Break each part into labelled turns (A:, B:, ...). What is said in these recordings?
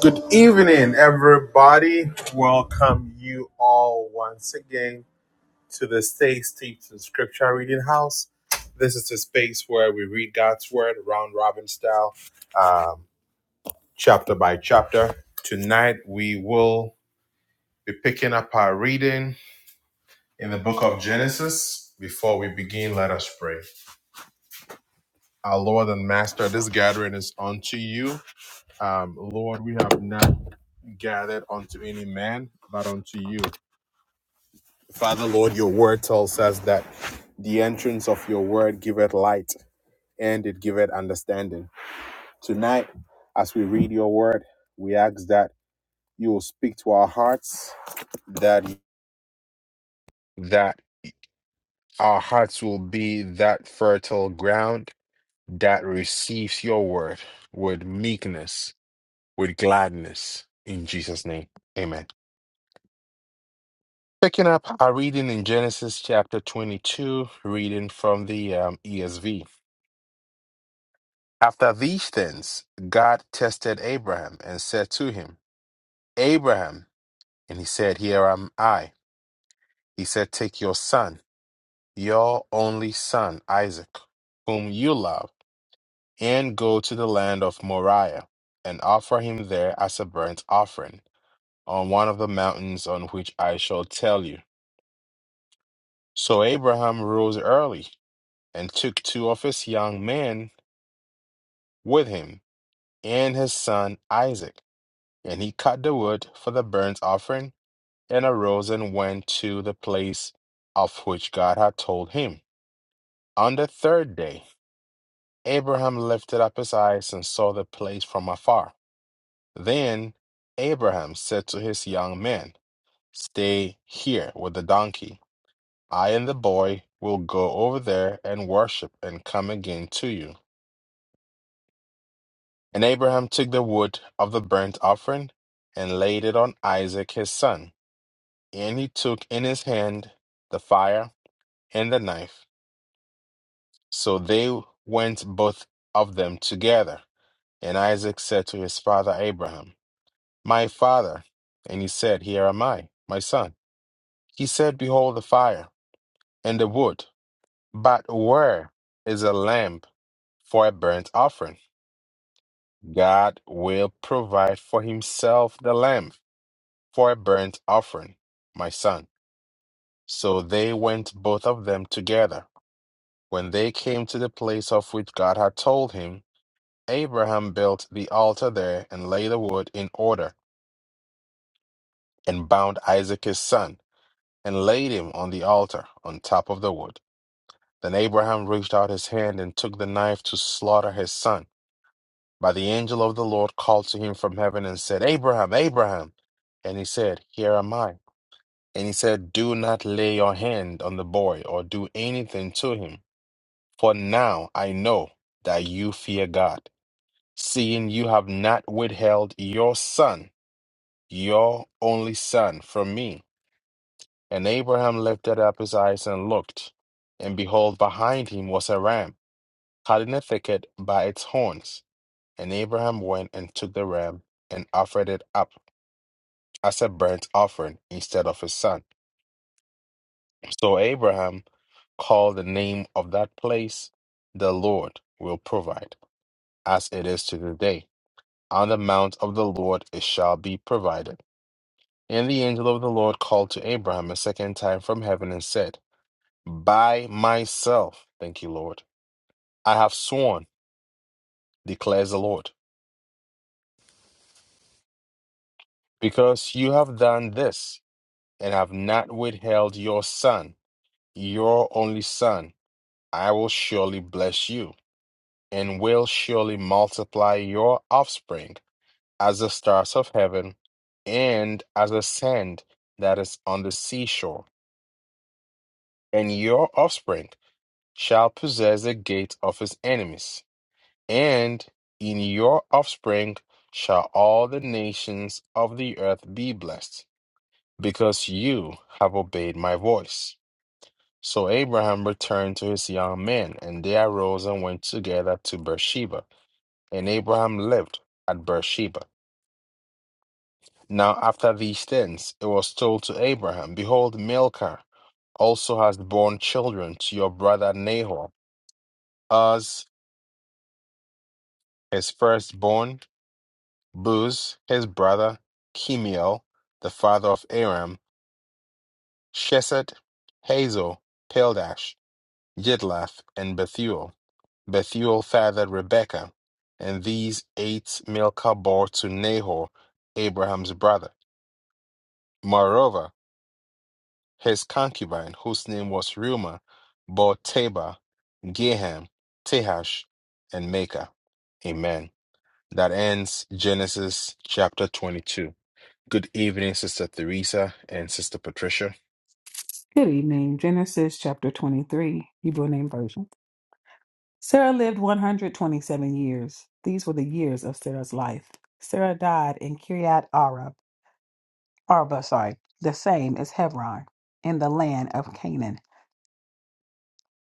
A: Good evening, everybody. Welcome you all once again to the Stay Steeped in Scripture Reading House. This is the space where we read God's Word round robin style, um, chapter by chapter. Tonight we will be picking up our reading in the book of Genesis. Before we begin, let us pray. Our Lord and Master, this gathering is unto you. Um, Lord, we have not gathered unto any man, but unto you. Father, Lord, your word tells us that the entrance of your word giveth light and it giveth understanding. Tonight, as we read your word, we ask that you will speak to our hearts, that that our hearts will be that fertile ground that receives your word with meekness, with gladness. In Jesus' name, amen. Picking up our reading in Genesis chapter 22, reading from the um, ESV. After these things, God tested Abraham and said to him, Abraham, and he said, Here am I. He said, Take your son, your only son, Isaac, whom you love, and go to the land of Moriah and offer him there as a burnt offering on one of the mountains on which I shall tell you. So Abraham rose early and took two of his young men with him and his son Isaac, and he cut the wood for the burnt offering and arose and went to the place of which God had told him. On the third day, Abraham lifted up his eyes and saw the place from afar. Then Abraham said to his young men, Stay here with the donkey. I and the boy will go over there and worship and come again to you. And Abraham took the wood of the burnt offering and laid it on Isaac his son. And he took in his hand the fire and the knife. So they went both of them together. And Isaac said to his father Abraham, My father. And he said, Here am I, my son. He said, Behold the fire and the wood, but where is a lamb for a burnt offering? God will provide for himself the lamb for a burnt offering, my son. So they went both of them together. When they came to the place of which God had told him, Abraham built the altar there and laid the wood in order, and bound Isaac his son, and laid him on the altar on top of the wood. Then Abraham reached out his hand and took the knife to slaughter his son. But the angel of the Lord called to him from heaven and said, Abraham, Abraham. And he said, Here am I. And he said, Do not lay your hand on the boy or do anything to him, for now I know that you fear God, seeing you have not withheld your son your only son from me. And Abraham lifted up his eyes and looked, and behold, behind him was a ram caught in a thicket by its horns. And Abraham went and took the ram and offered it up as a burnt offering instead of his son. So Abraham called the name of that place, The Lord will provide, as it is to the day. On the mount of the Lord it shall be provided. And the angel of the Lord called to Abraham a second time from heaven and said, by myself. Thank you, Lord. I have sworn, declares the Lord, because you have done this and have not withheld your son, your only son. I will surely bless you and will surely multiply your offspring as the stars of heaven and as the sand that is on the seashore. And your offspring shall possess the gate of his enemies. And in your offspring shall all the nations of the earth be blessed, because you have obeyed my voice. So Abraham returned to his young men, and they arose and went together to Beersheba. And Abraham lived at Beersheba. Now after these things, it was told to Abraham, Behold, Milcah also has borne children to your brother Nahor, as his firstborn Buz, his brother, Chemiel, the father of Aram, Sheset, Hazel, Peldash, Yidlaf, and Bethuel. Bethuel fathered Rebekah, and these eight Milcah bore to Nahor, Abraham's brother. Moreover, his concubine, whose name was Reumah, bore Taba, Geham, Tehash, and Makah. Amen. That ends Genesis chapter 22. Good evening, Sister Theresa and Sister Patricia.
B: Good evening. Genesis chapter 23, Hebrew name version. Sarah lived 127 years. These were the years of Sarah's life. Sarah died in Kiryat Arba, Arba, sorry, the same as Hebron, in the land of Canaan.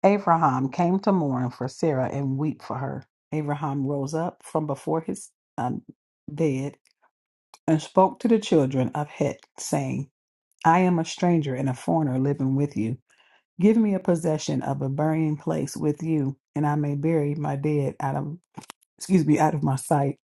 B: Abraham came to mourn for Sarah and weep for her. Abraham rose up from before his um, bed and spoke to the children of Het, saying, I am a stranger and a foreigner living with you. Give me a possession of a burying place with you, and I may bury my dead out of excuse me, out of my sight.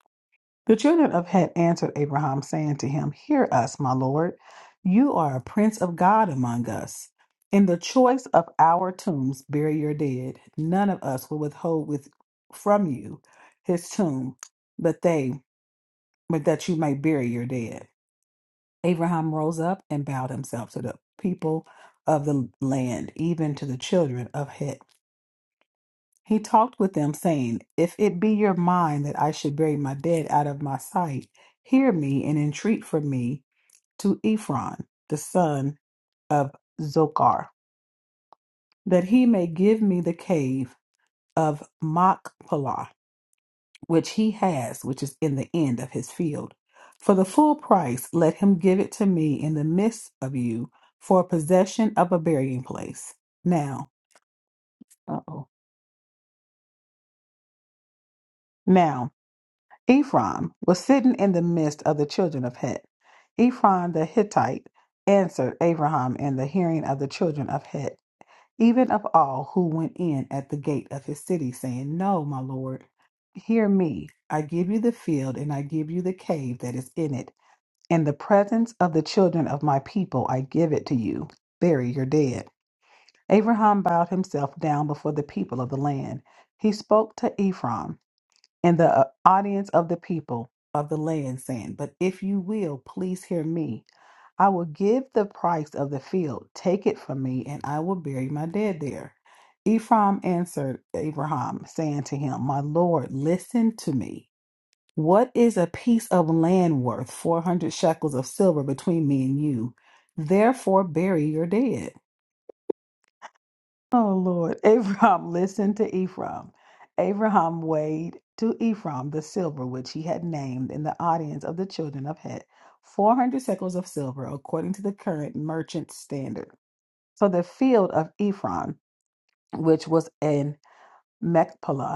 B: The children of Het answered Abraham, saying to him, Hear us, my Lord, you are a prince of God among us. In the choice of our tombs, bury your dead. None of us will withhold with from you his tomb, but they but that you may bury your dead. Abraham rose up and bowed himself to the people of the land, even to the children of Het. He talked with them, saying, If it be your mind that I should bury my dead out of my sight, hear me and entreat for me to Ephron, the son of Zochar, that he may give me the cave of Machpelah, which he has, which is in the end of his field. For the full price, let him give it to me in the midst of you for possession of a burying place. Now, uh oh. Now, Ephraim was sitting in the midst of the children of Het. Ephraim the Hittite answered Abraham in the hearing of the children of Het, even of all who went in at the gate of his city, saying, No, my lord, hear me. I give you the field, and I give you the cave that is in it. In the presence of the children of my people, I give it to you. Bury your dead. Abraham bowed himself down before the people of the land. He spoke to Ephraim and the uh, audience of the people of the land, saying, But if you will, please hear me. I will give the price of the field. Take it from me, and I will bury my dead there. Ephraim answered Abraham, saying to him, My Lord, listen to me. What is a piece of land worth 400 shekels of silver between me and you? Therefore, bury your dead. Oh Lord, Abraham listened to Ephraim. Abraham weighed to Ephraim the silver which he had named in the audience of the children of Het, 400 shekels of silver, according to the current merchant standard. So the field of Ephraim, which was in Machpelah,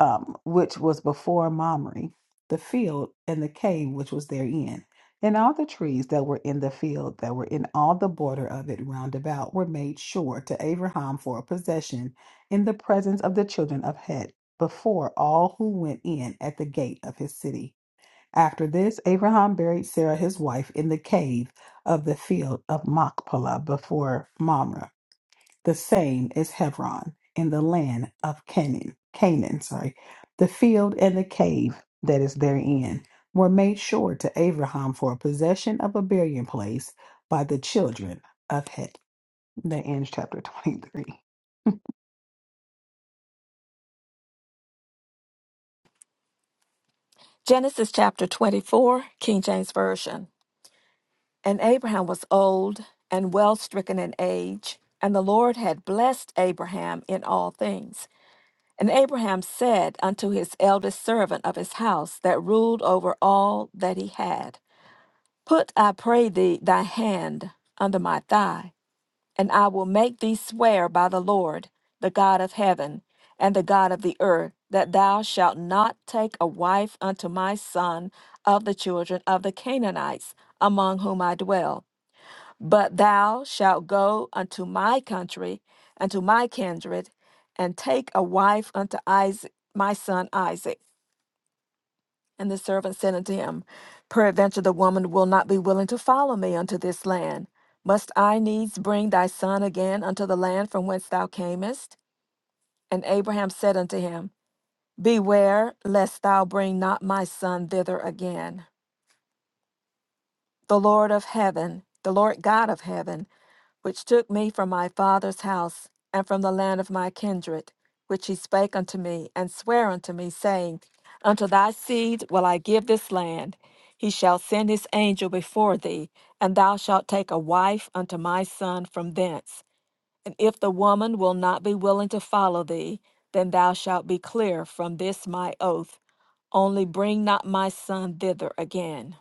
B: um, which was before Mamre, the field and the cave which was therein, and all the trees that were in the field that were in all the border of it round about were made sure to Abraham for a possession in the presence of the children of Het before all who went in at the gate of his city. After this, Abraham buried Sarah his wife in the cave of the field of Machpelah before Mamre the same is Hebron in the land of Canaan. Canaan, sorry. The field and the cave that is therein were made sure to Abraham for a possession of a burying place by the children of Het. That ends chapter 23.
C: Genesis chapter 24, King James Version. And Abraham was old and well stricken in age, and the Lord had blessed Abraham in all things. And Abraham said unto his eldest servant of his house that ruled over all that he had, Put, I pray thee, thy hand under my thigh. And I will make thee swear by the Lord, the God of heaven, and the God of the earth, that thou shalt not take a wife unto my son of the children of the Canaanites, among whom I dwell. But thou shalt go unto my country, unto my kindred, and take a wife unto Isaac, my son Isaac. And the servant said unto him, Peradventure the woman will not be willing to follow me unto this land. Must I needs bring thy son again unto the land from whence thou camest? And Abraham said unto him, Beware lest thou bring not my son thither again. The Lord of heaven, the Lord God of heaven, which took me from my father's house, and from the land of my kindred, which he spake unto me, and sware unto me, saying, Unto thy seed will I give this land. He shall send his angel before thee, and thou shalt take a wife unto my son from thence. And if the woman will not be willing to follow thee, then thou shalt be clear from this my oath. Only bring not my son thither again.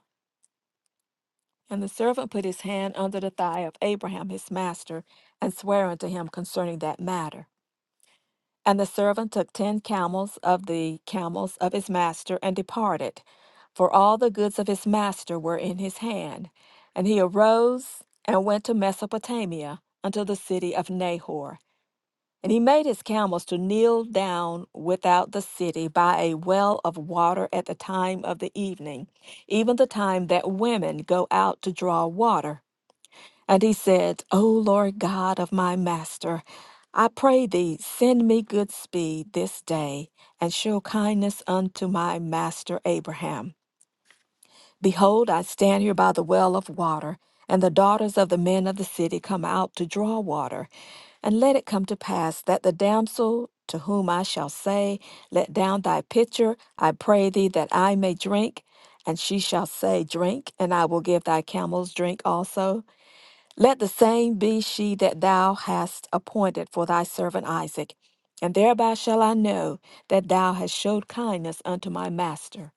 C: And the servant put his hand under the thigh of Abraham his master, and sware unto him concerning that matter. And the servant took ten camels of the camels of his master, and departed, for all the goods of his master were in his hand. And he arose and went to Mesopotamia, unto the city of Nahor. And he made his camels to kneel down without the city by a well of water at the time of the evening, even the time that women go out to draw water. And he said, O Lord God of my master, I pray thee, send me good speed this day, and show kindness unto my master Abraham. Behold, I stand here by the well of water, and the daughters of the men of the city come out to draw water. And let it come to pass that the damsel to whom I shall say, Let down thy pitcher, I pray thee, that I may drink. And she shall say, Drink, and I will give thy camels drink also. Let the same be she that thou hast appointed for thy servant Isaac, and thereby shall I know that thou hast showed kindness unto my master.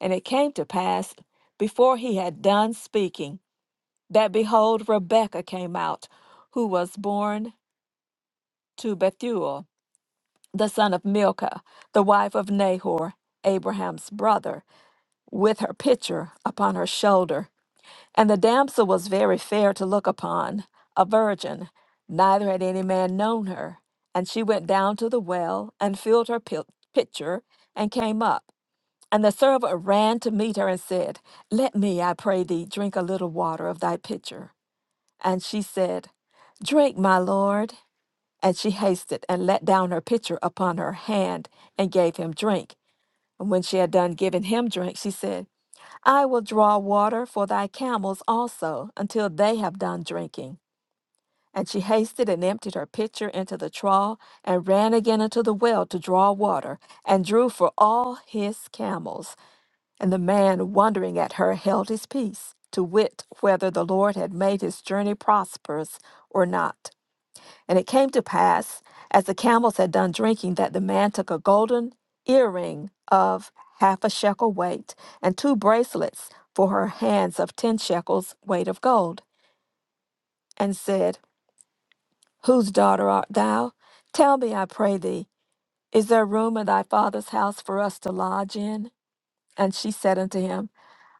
C: And it came to pass, before he had done speaking, that behold, Rebekah came out, who was born to Bethuel, the son of Milcah, the wife of Nahor, Abraham's brother, with her pitcher upon her shoulder. And the damsel was very fair to look upon, a virgin, neither had any man known her. And she went down to the well, and filled her pil- pitcher, and came up. And the servant ran to meet her and said, Let me, I pray thee, drink a little water of thy pitcher. And she said, Drink, my lord. And she hasted and let down her pitcher upon her hand and gave him drink. And when she had done giving him drink, she said, I will draw water for thy camels also, until they have done drinking. And she hasted and emptied her pitcher into the trough, and ran again into the well to draw water, and drew for all his camels. And the man, wondering at her, held his peace, to wit whether the Lord had made his journey prosperous or not. And it came to pass, as the camels had done drinking, that the man took a golden earring of half a shekel weight and two bracelets for her hands of ten shekels weight of gold, and said, Whose daughter art thou? Tell me, I pray thee, is there room in thy father's house for us to lodge in? And she said unto him,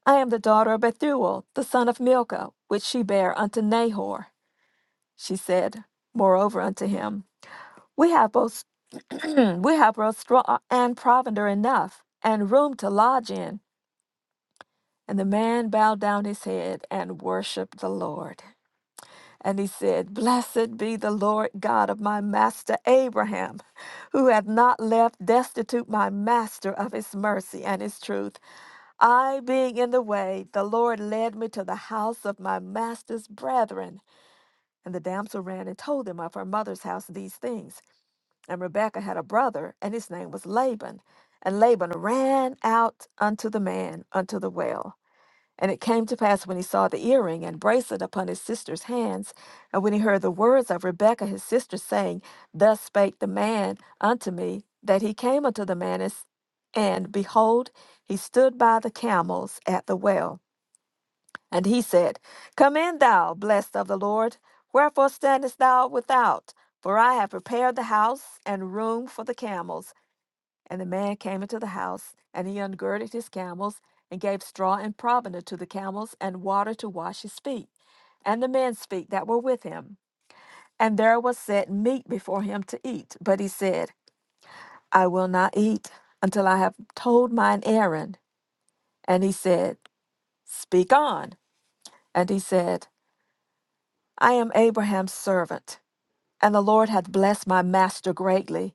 C: I am the daughter of Bethuel, the son of Milcah, which she bare unto Nahor. She said, moreover, unto him. We have both we have both straw and provender enough, and room to lodge in. And the man bowed down his head and worshipped the Lord. And he said, Blessed be the Lord God of my master Abraham, who hath not left destitute my master of his mercy and his truth. I being in the way, the Lord led me to the house of my master's brethren. And the damsel ran and told him of her mother's house these things. And Rebekah had a brother, and his name was Laban. And Laban ran out unto the man unto the well. And it came to pass when he saw the earring and bracelet upon his sister's hands, and when he heard the words of Rebekah his sister, saying, Thus spake the man unto me, that he came unto the man, and, s- and behold, he stood by the camels at the well. And he said, Come in, thou blessed of the Lord. Wherefore standest thou without? For I have prepared the house and room for the camels. And the man came into the house, and he ungirded his camels, and gave straw and provender to the camels, and water to wash his feet, and the men's feet that were with him. And there was set meat before him to eat. But he said, I will not eat until I have told mine errand. And he said, Speak on. And he said, I am Abraham's servant, and the Lord hath blessed my master greatly,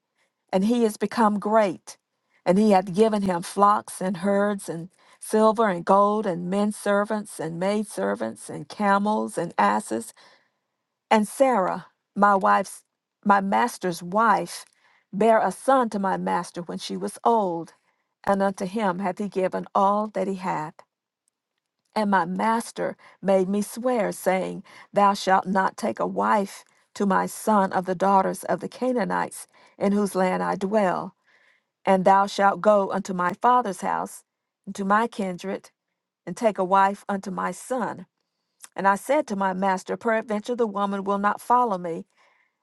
C: and he is become great, and he hath given him flocks and herds and silver and gold and men servants and maid servants and camels and asses. And Sarah, my wife's my master's wife, bare a son to my master when she was old, and unto him hath he given all that he had. And my master made me swear, saying, Thou shalt not take a wife to my son of the daughters of the Canaanites, in whose land I dwell. And thou shalt go unto my father's house, and my kindred, and take a wife unto my son. And I said to my master, Peradventure the woman will not follow me,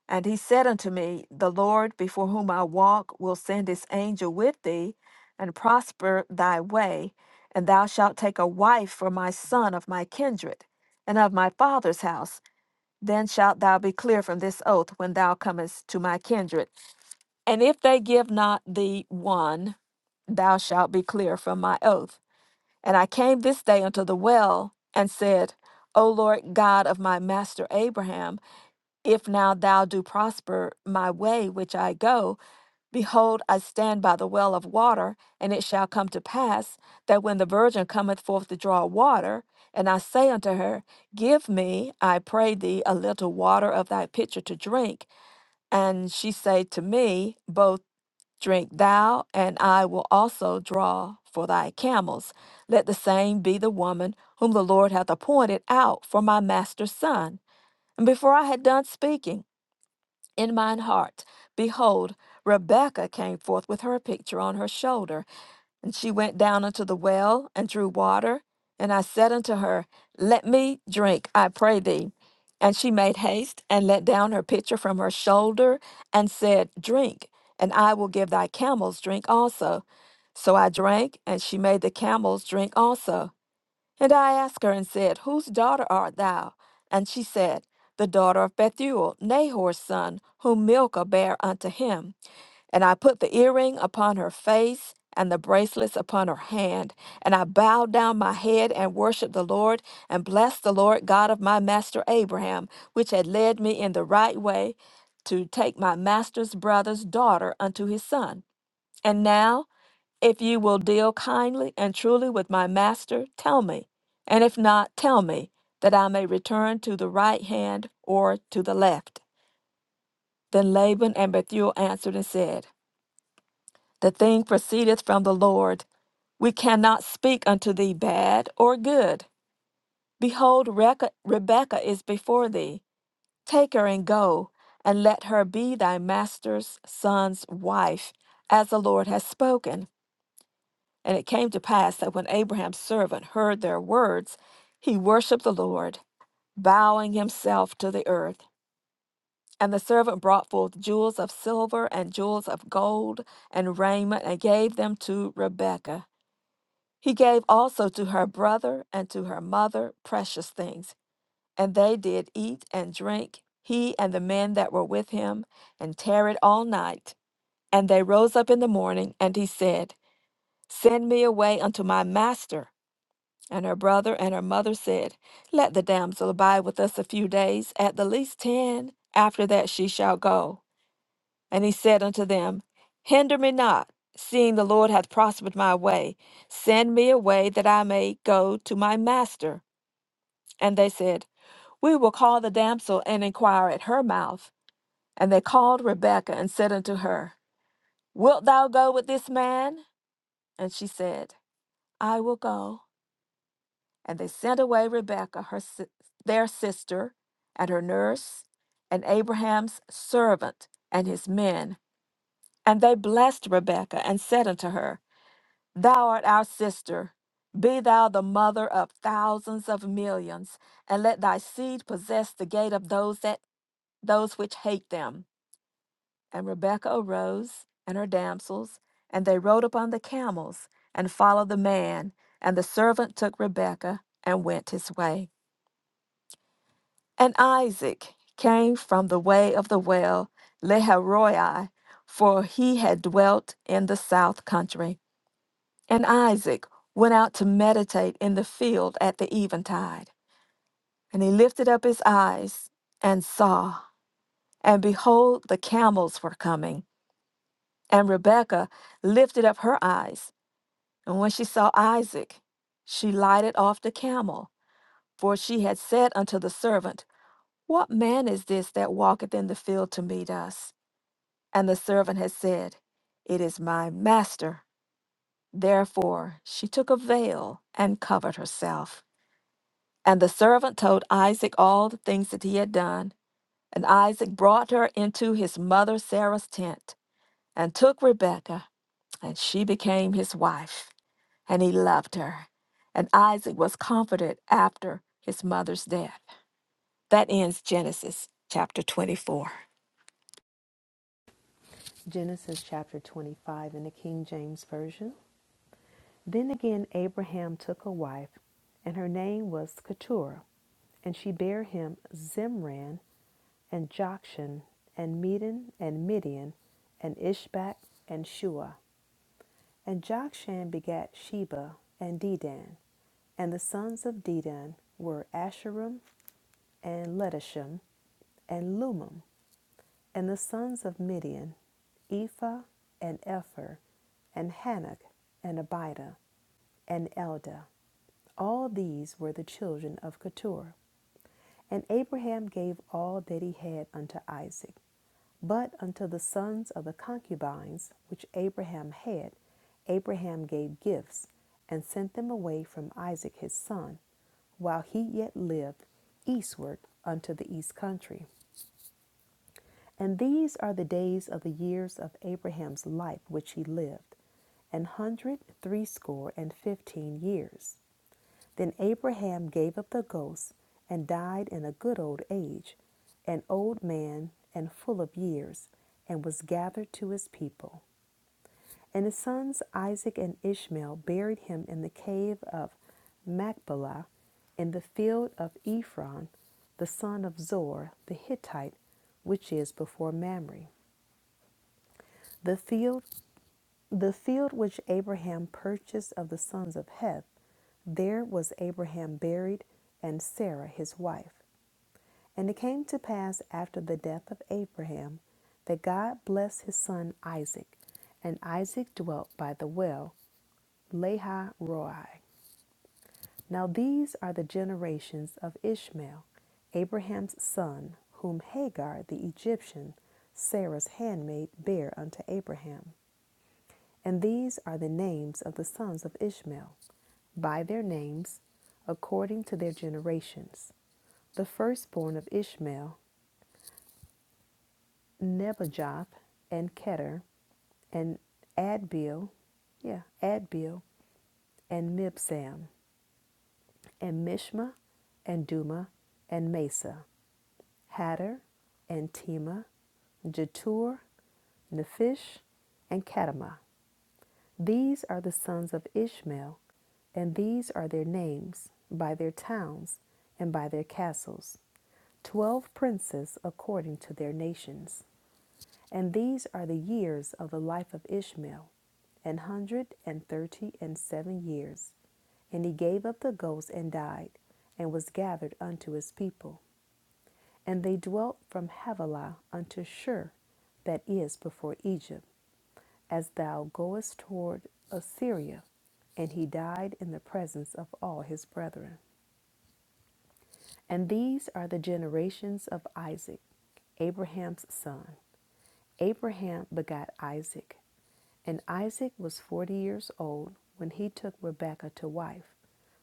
C: and he said unto me, The Lord before whom I walk will send his angel with thee, and prosper thy way, and thou shalt take a wife for my son of my kindred, and of my father's house. Then shalt thou be clear from this oath when thou comest to my kindred. And if they give not thee one, thou shalt be clear from my oath. And I came this day unto the well, and said, O Lord God of my master Abraham, if now thou do prosper my way which I go, behold, I stand by the well of water, and it shall come to pass that when the virgin cometh forth to draw water, and I say unto her, Give me, I pray thee, a little water of thy pitcher to drink, and she say to me, Both drink thou, and I will also draw for thy camels. Let the same be the woman whom the Lord hath appointed out for my master's son. And before I had done speaking, in mine heart. Behold, Rebekah came forth with her pitcher on her shoulder, and she went down unto the well and drew water. And I said unto her, Let me drink, I pray thee. And she made haste and let down her pitcher from her shoulder and said, Drink, and I will give thy camels drink also. So I drank, and she made the camels drink also. And I asked her and said, Whose daughter art thou? And she said, The daughter of Bethuel, Nahor's son, whom Milcah bare unto him. And I put the earring upon her face and the bracelets upon her hand. And I bowed down my head and worshiped the Lord and blessed the Lord God of my master Abraham, which had led me in the right way to take my master's brother's daughter unto his son. And now, if you will deal kindly and truly with my master, tell me, and if not, tell me, that I may return to the right hand or to the left. Then Laban and Bethuel answered and said, The thing proceedeth from the Lord. We cannot speak unto thee bad or good. Behold, Reca- Rebekah is before thee. Take her and go, and let her be thy master's son's wife, as the Lord has spoken. And it came to pass that when Abraham's servant heard their words, he worshiped the Lord, bowing himself to the earth. And the servant brought forth jewels of silver and jewels of gold and raiment and gave them to Rebekah. He gave also to her brother and to her mother precious things. And they did eat and drink, he and the men that were with him, and tarried all night. And they rose up in the morning, and he said, Send me away unto my master And her brother and her mother said, Let the damsel abide with us a few days, at the least ten. After that she shall go. And he said unto them, Hinder me not, seeing the Lord hath prospered my way. Send me away that I may go to my master. And they said, We will call the damsel and inquire at her mouth. And they called Rebekah and said unto her, Wilt thou go with this man? And she said, I will go. And they sent away Rebekah, her, si- their sister, and her nurse, and Abraham's servant, and his men. And they blessed Rebekah and said unto her, Thou art our sister. Be thou the mother of thousands of millions, and let thy seed possess the gate of those that those which hate them. And Rebekah arose and her damsels, and they rode upon the camels and followed the man. And the servant took Rebekah and went his way. And Isaac came from the way of the well Leharoi, for he had dwelt in the south country. And Isaac went out to meditate in the field at the eventide. And he lifted up his eyes and saw, and behold, the camels were coming. And Rebekah lifted up her eyes, and when she saw Isaac, she lighted off the camel, for she had said unto the servant, What man is this that walketh in the field to meet us? And the servant had said, It is my master. Therefore she took a veil and covered herself. And the servant told Isaac all the things that he had done. And Isaac brought her into his mother Sarah's tent and took Rebekah, and she became his wife. And he loved her. And Isaac was comforted after his mother's death. That ends Genesis chapter 24.
D: Genesis chapter 25 in the King James Version. Then again Abraham took a wife, and her name was Keturah, and she bare him Zimran, and Jokshan, and Medan, and Midian, and Ishbak, and Shua. And Jokshan begat Sheba, and Dedan. And the sons of Dedan were Asherim, and Letishim, and Lumim. And the sons of Midian, Ephah, and Epher, and Hanok, and Abida. and Eldah. All these were the children of Keturah. And Abraham gave all that he had unto Isaac. But unto the sons of the concubines which Abraham had, Abraham gave gifts and sent them away from Isaac his son, while he yet lived eastward unto the east country. And these are the days of the years of Abraham's life which he lived, an hundred threescore and fifteen years. Then Abraham gave up the ghost and died in a good old age, an old man and full of years, and was gathered to his people. And his sons Isaac and Ishmael buried him in the cave of Machpelah in the field of Ephron, the son of Zor the Hittite, which is before Mamre. The field, the field which Abraham purchased of the sons of Heth, there was Abraham buried and Sarah his wife. And it came to pass after the death of Abraham that God blessed his son Isaac, and Isaac dwelt by the well Lehi Roi. Now these are the generations of Ishmael, Abraham's son, whom Hagar the Egyptian, Sarah's handmaid, bare unto Abraham. And these are the names of the sons of Ishmael, by their names, according to their generations. The firstborn of Ishmael, Nebajoth and Keter, and Adbeel, yeah, Adbeel, and Mibsam, and Mishma and Duma and Mesa, Hatter and Tema, Jetur, Nephish, and Kadamah. These are the sons of Ishmael, and these are their names, by their towns, and by their castles, twelve princes according to their nations. And these are the years of the life of Ishmael, an hundred and thirty and seven years. And he gave up the ghost and died, and was gathered unto his people. And they dwelt from Havilah unto Shur, that is before Egypt, as thou goest toward Assyria. And he died in the presence of all his brethren. And these are the generations of Isaac, Abraham's son. Abraham begat Isaac, And Isaac was forty years old when he took Rebekah to wife,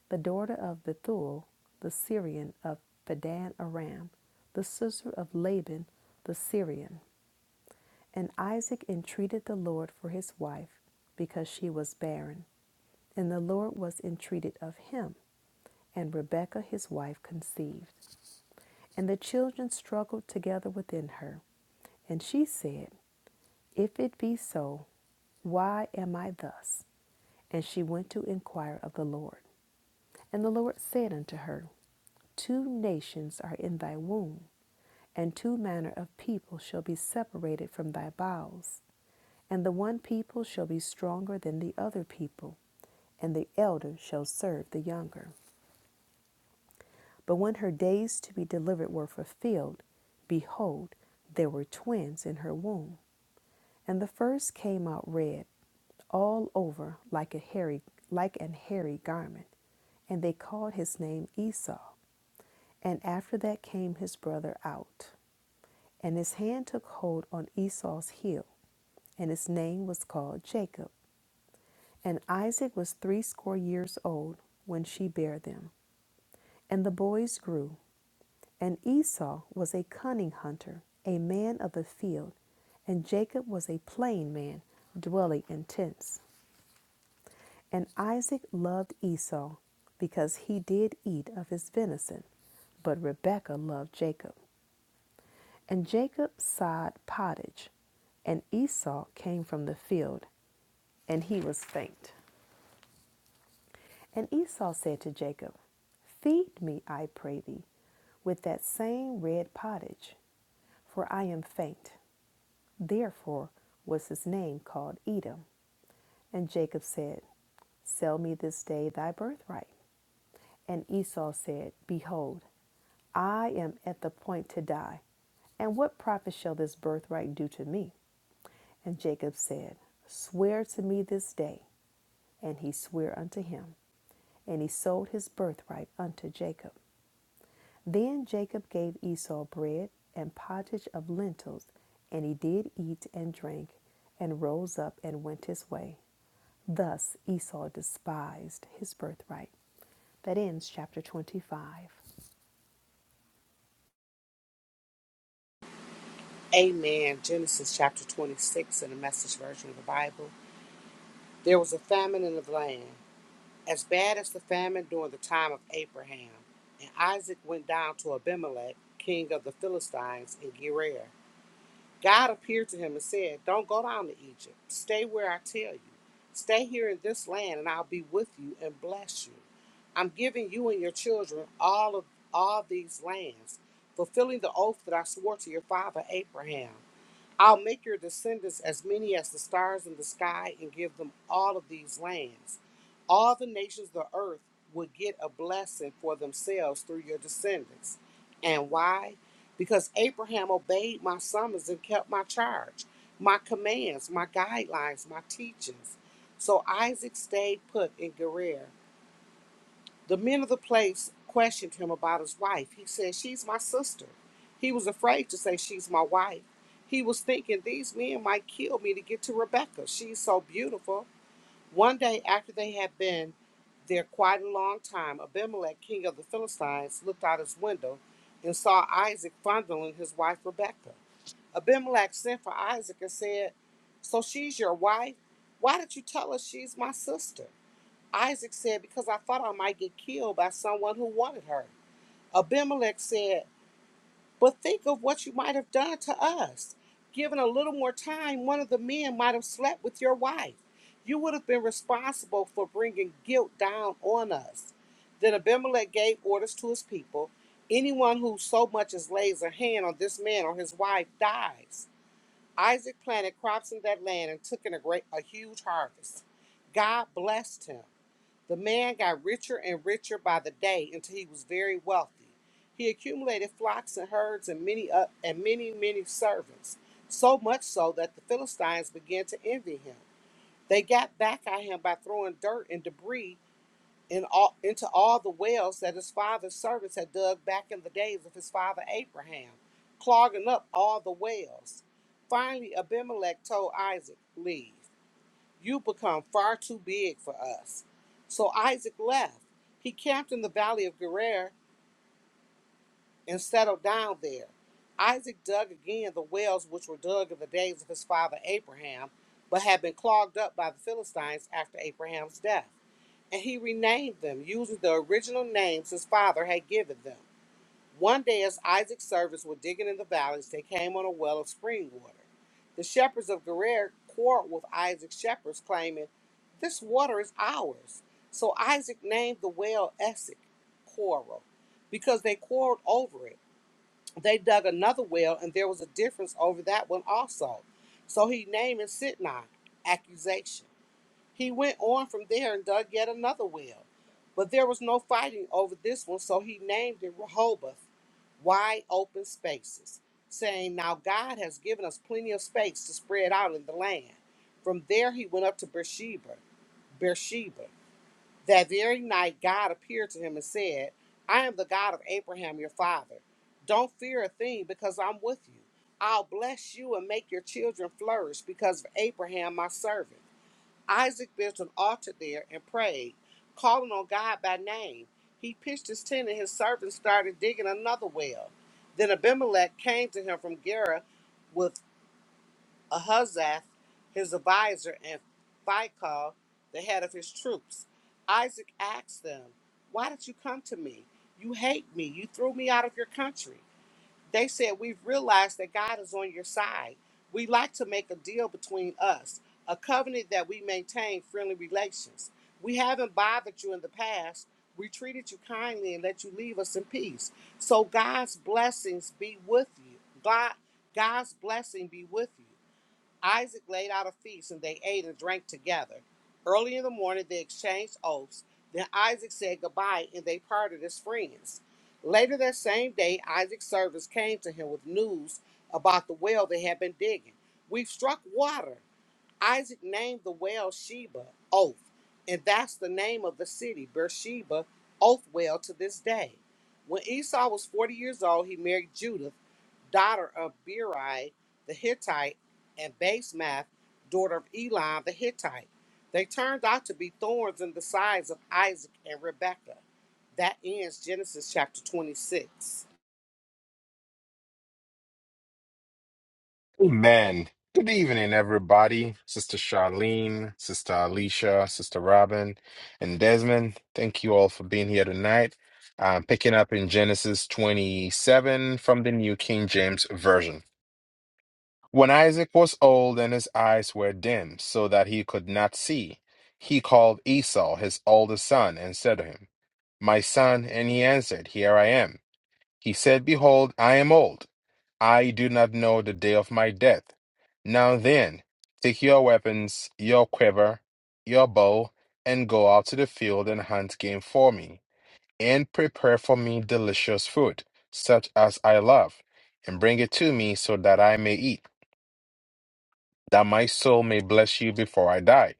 D: the daughter of Bethuel, the Syrian of Padan Aram, the sister of Laban, the Syrian. And Isaac entreated the Lord for his wife, because she was barren. And the Lord was entreated of him, and Rebekah his wife conceived. And the children struggled together within her. And she said, If it be so, why am I thus? And she went to inquire of the Lord. And the Lord said unto her, Two nations are in thy womb, and two manner of people shall be separated from thy bowels. And the one people shall be stronger than the other people, and the elder shall serve the younger. But when her days to be delivered were fulfilled, behold, there were twins in her womb. And the first came out red all over like a hairy like an hairy garment, and they called his name Esau. And after that came his brother out. And his hand took hold on Esau's heel, and his name was called Jacob. And Isaac was threescore years old when she bare them. And the boys grew. And Esau was a cunning hunter, a man of the field, and Jacob was a plain man, dwelling in tents. And Isaac loved Esau because he did eat of his venison, but Rebekah loved Jacob. And Jacob sod pottage, and Esau came from the field, and he was faint. And Esau said to Jacob, Feed me, I pray thee, with that same red pottage, for I am faint. Therefore was his name called Edom. And Jacob said, Sell me this day thy birthright. And Esau said, Behold, I am at the point to die, and what profit shall this birthright do to me? And Jacob said, Swear to me this day. And he sware unto him, and he sold his birthright unto Jacob. Then Jacob gave Esau bread and pottage of lentils, and he did eat and drink, and rose up and went his way. Thus Esau despised his birthright. That ends chapter 25.
E: Amen. Genesis chapter 26 in the message version of the Bible. There was a famine in the land, as bad as the famine during the time of Abraham. And Isaac went down to Abimelech, king of the Philistines, in Gerar. God appeared to him and said, Don't go down to Egypt. Stay where I tell you. Stay here in this land, and I'll be with you and bless you. I'm giving you and your children all of all these lands, fulfilling the oath that I swore to your father Abraham. I'll make your descendants as many as the stars in the sky and give them all of these lands. All the nations of the earth would get a blessing for themselves through your descendants. And why? Because Abraham obeyed my summons and kept my charge, my commands, my guidelines, my teachings. So Isaac stayed put in Gerar the men of the place questioned him about his wife. He said, She's my sister. He was afraid to say, She's my wife. He was thinking, These men might kill me to get to Rebecca. She's so beautiful. One day, after they had been there quite a long time, Abimelech, king of the Philistines, looked out his window and saw Isaac fondling his wife Rebecca. Abimelech sent for Isaac and said, So she's your wife? Why did you tell us she's my sister? Isaac said, Because I thought I might get killed by someone who wanted her. Abimelech said, But think of what you might have done to us. Given a little more time, one of the men might have slept with your wife. You would have been responsible for bringing guilt down on us. Then Abimelech gave orders to his people Anyone who so much as lays a hand on this man or his wife dies. Isaac planted crops in that land and took in a great a huge harvest. God blessed him. The man got richer and richer by the day until he was very wealthy. He accumulated flocks and herds and many uh, and many many servants, so much so that the Philistines began to envy him. They got back at him by throwing dirt and debris in all, into all the wells that his father's servants had dug back in the days of his father Abraham, clogging up all the wells. Finally, Abimelech told Isaac, "Leave." You become far too big for us. So Isaac left. He camped in the valley of Gerar and settled down there. Isaac dug again the wells which were dug in the days of his father Abraham, but had been clogged up by the Philistines after Abraham's death. And he renamed them using the original names his father had given them. One day, as Isaac's servants were digging in the valleys, they came on a well of spring water. The shepherds of Gerar quarreled with Isaac's shepherds, claiming, This water is ours. So Isaac named the well Essek, quarrel, because they quarreled over it. They dug another well, and there was a difference over that one also. So he named it Sitnah, accusation. He went on from there and dug yet another well. But there was no fighting over this one, so he named it Rehoboth, wide open spaces, saying, Now God has given us plenty of space to spread out in the land. From there he went up to Beersheba. Beersheba. That very night God appeared to him and said, I am the God of Abraham your father. Don't fear a thing, because I'm with you. I'll bless you and make your children flourish because of Abraham my servant. Isaac built an altar there and prayed, calling on God by name. He pitched his tent and his servants started digging another well. Then Abimelech came to him from Gerar, with Ahazath, his advisor, and Phicol, the head of his troops. Isaac asked them, Why did you come to me? You hate me. You threw me out of your country. They said, We've realized that God is on your side. We like to make a deal between us, a covenant that we maintain friendly relations. We haven't bothered you in the past. We treated you kindly and let you leave us in peace. So God's blessings be with you. God, God's blessing be with you. Isaac laid out a feast, and they ate and drank together. Early in the morning, they exchanged oaths. Then Isaac said goodbye, and they parted as friends. Later that same day, Isaac's servants came to him with news about the well they had been digging. We've struck water, Isaac named the well Sheba, Oath, and that's the name of the city, Beersheba, Oath Well to this day. When Esau was 40 years old, he married Judith, daughter of Beri the Hittite, and Basemath, daughter of Elon, the Hittite. They turned out to be thorns in the sides of Isaac and Rebekah. That ends Genesis chapter 26.
A: Amen. Good evening, everybody. Sister Charlene, Sister Alicia, Sister Robin, and Desmond. Thank you all for being here tonight. I'm picking up in Genesis 27 from the New King James Version. When Isaac was old and his eyes were dim, so that he could not see, he called Esau, his oldest son, and said to him, My son. And he answered, Here I am. He said, Behold, I am old I do not know the day of my death. Now then, take your weapons, your quiver, your bow, and go out to the field and hunt game for me, and prepare for me delicious food, such as I love, and bring it to me so that I may eat, that my soul may bless you before I die.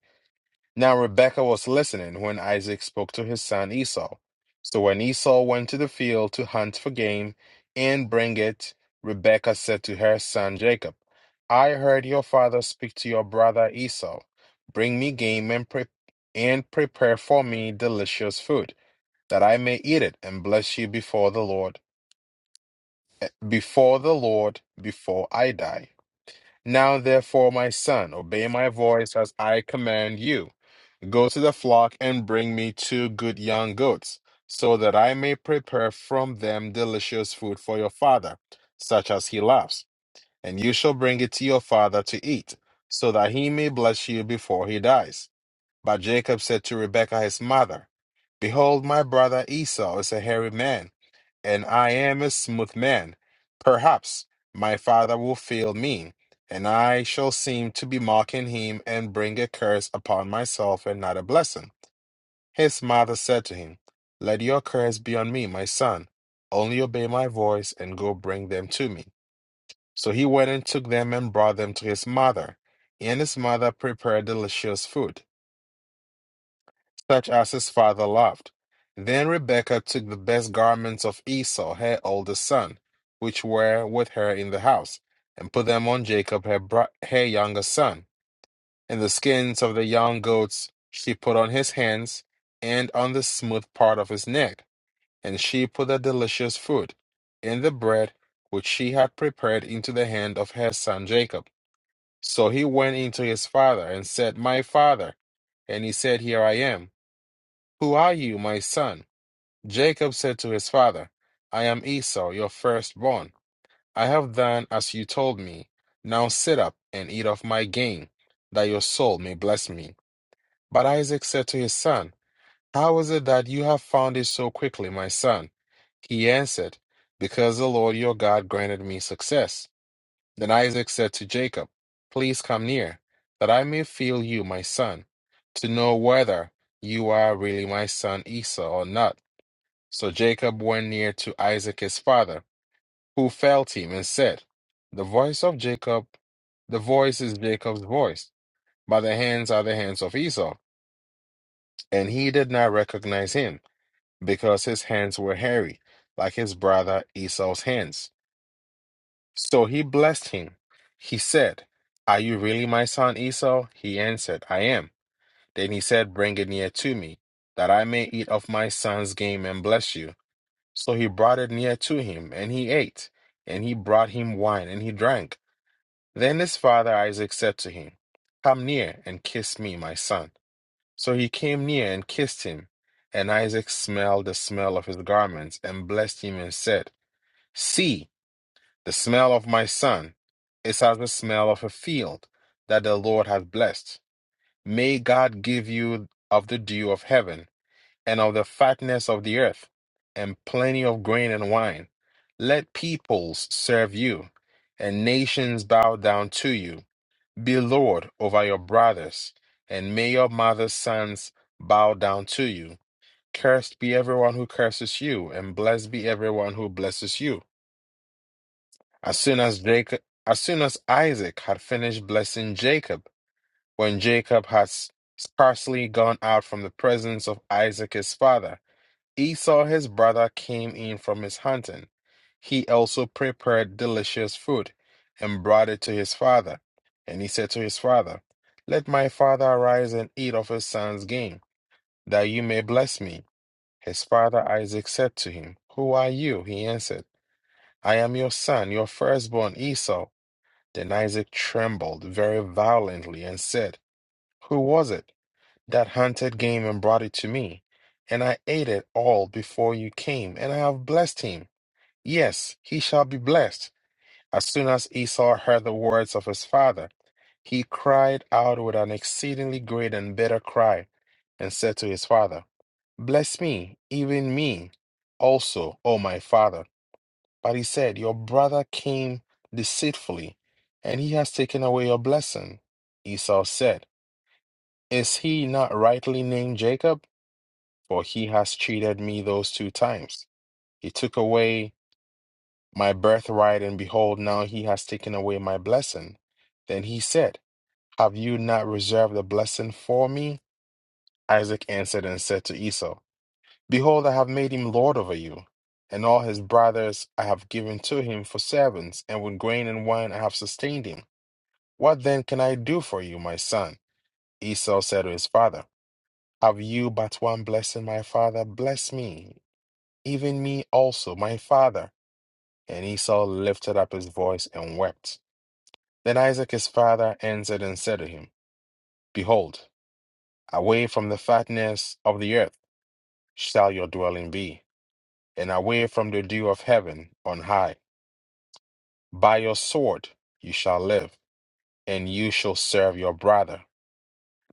A: Now Rebekah was listening when Isaac spoke to his son Esau. So when Esau went to the field to hunt for game and bring it, Rebekah said to her son Jacob, I heard your father speak to your brother Esau. Bring me game and, pre- and prepare for me delicious food, that I may eat it and bless you before the Lord, before the Lord, before I die. Now therefore, my son, obey my voice as I command you. Go to the flock and bring me two good young goats, so that I may prepare from them delicious food for your father, such as he loves, and you shall bring it to your father to eat, so that he may bless you before he dies. But Jacob said to Rebekah his mother, Behold, my brother Esau is a hairy man, and I am a smooth man. Perhaps my father will fail me, and I shall seem to be mocking him and bring a curse upon myself and not a blessing. His mother said to him, Let your curse be on me, my son. Only obey my voice and go bring them to me. So he went and took them and brought them to his mother. And his mother prepared delicious food, such as his father loved. Then Rebekah took the best garments of Esau, her oldest son, which were with her in the house, and put them on Jacob, her, bro- her younger son. And the skins of the young goats she put on his hands and on the smooth part of his neck And she put the delicious food and the bread which she had prepared into the hand of her son Jacob. So he went into his father and said, My father. And he said, Here I am. Who are you, my son? Jacob said to his father, I am Esau, your firstborn. I have done as you told me. Now sit up and eat of my gain, that your soul may bless me. But Isaac said to his son, how is it that you have found it so quickly, my son? He answered, Because the Lord your God granted me success. Then Isaac said to Jacob, Please come near, that I may feel you, my son, to know whether you are really my son Esau or not. So Jacob went near to Isaac his father, who felt him and said, The voice of Jacob, the voice is Jacob's voice, but the hands are the hands of Esau. And he did not recognize him. because his hands were hairy, like his brother Esau's hands. So he blessed him. He said, Are you really my son Esau? He answered, I am. Then he said, Bring it near to me, that I may eat of my son's game and bless you. So he brought it near to him, and he ate. And he brought him wine, and he drank. Then his father Isaac said to him, Come near and kiss me, my son. So he came near and kissed him. And Isaac smelled the smell of his garments and blessed him and said, See, the smell of my son is as the smell of a field that the Lord hath blessed. May God give you of the dew of heaven and of the fatness of the earth and plenty of grain and wine. Let peoples serve you and nations bow down to you. Be Lord over your brothers, and may your mother's sons bow down to you. Cursed be everyone who curses you, and blessed be everyone who blesses you. As soon as Jacob, as soon as Isaac had finished blessing Jacob, when Jacob had s- scarcely gone out from the presence of Isaac his father, Esau his brother came in from his hunting. He also prepared delicious food and brought it to his father. And he said to his father, Let my father arise and eat of his son's game, that you may bless me. His father Isaac said to him, Who are you? He answered, I am your son, your firstborn Esau. Then Isaac trembled very violently and said, Who was it? that hunted game and brought it to me. And I ate it all before you came, and I have blessed him. Yes, he shall be blessed. As soon as Esau heard the words of his father, he cried out with an exceedingly great and bitter cry, and said to his father, Bless me, even me also, O my father. But he said, Your brother came deceitfully, and he has taken away your blessing. Esau said, Is he not rightly named Jacob? for he has cheated me those two times. He took away my birthright, and behold, now he has taken away my blessing. Then he said, Have you not reserved the blessing for me? Isaac answered and said to Esau, Behold, I have made him lord over you, and all his brothers I have given to him for servants, and with grain and wine I have sustained him. What then can I do for you, my son? Esau said to his father, Have you but one blessing, my father? Bless me. even me also, my father. And Esau lifted up his voice and wept. Then Isaac his father answered and said to him, Behold, away from the fatness of the earth shall your dwelling be, and away from the dew of heaven on high. By your sword you shall live, and you shall serve your brother.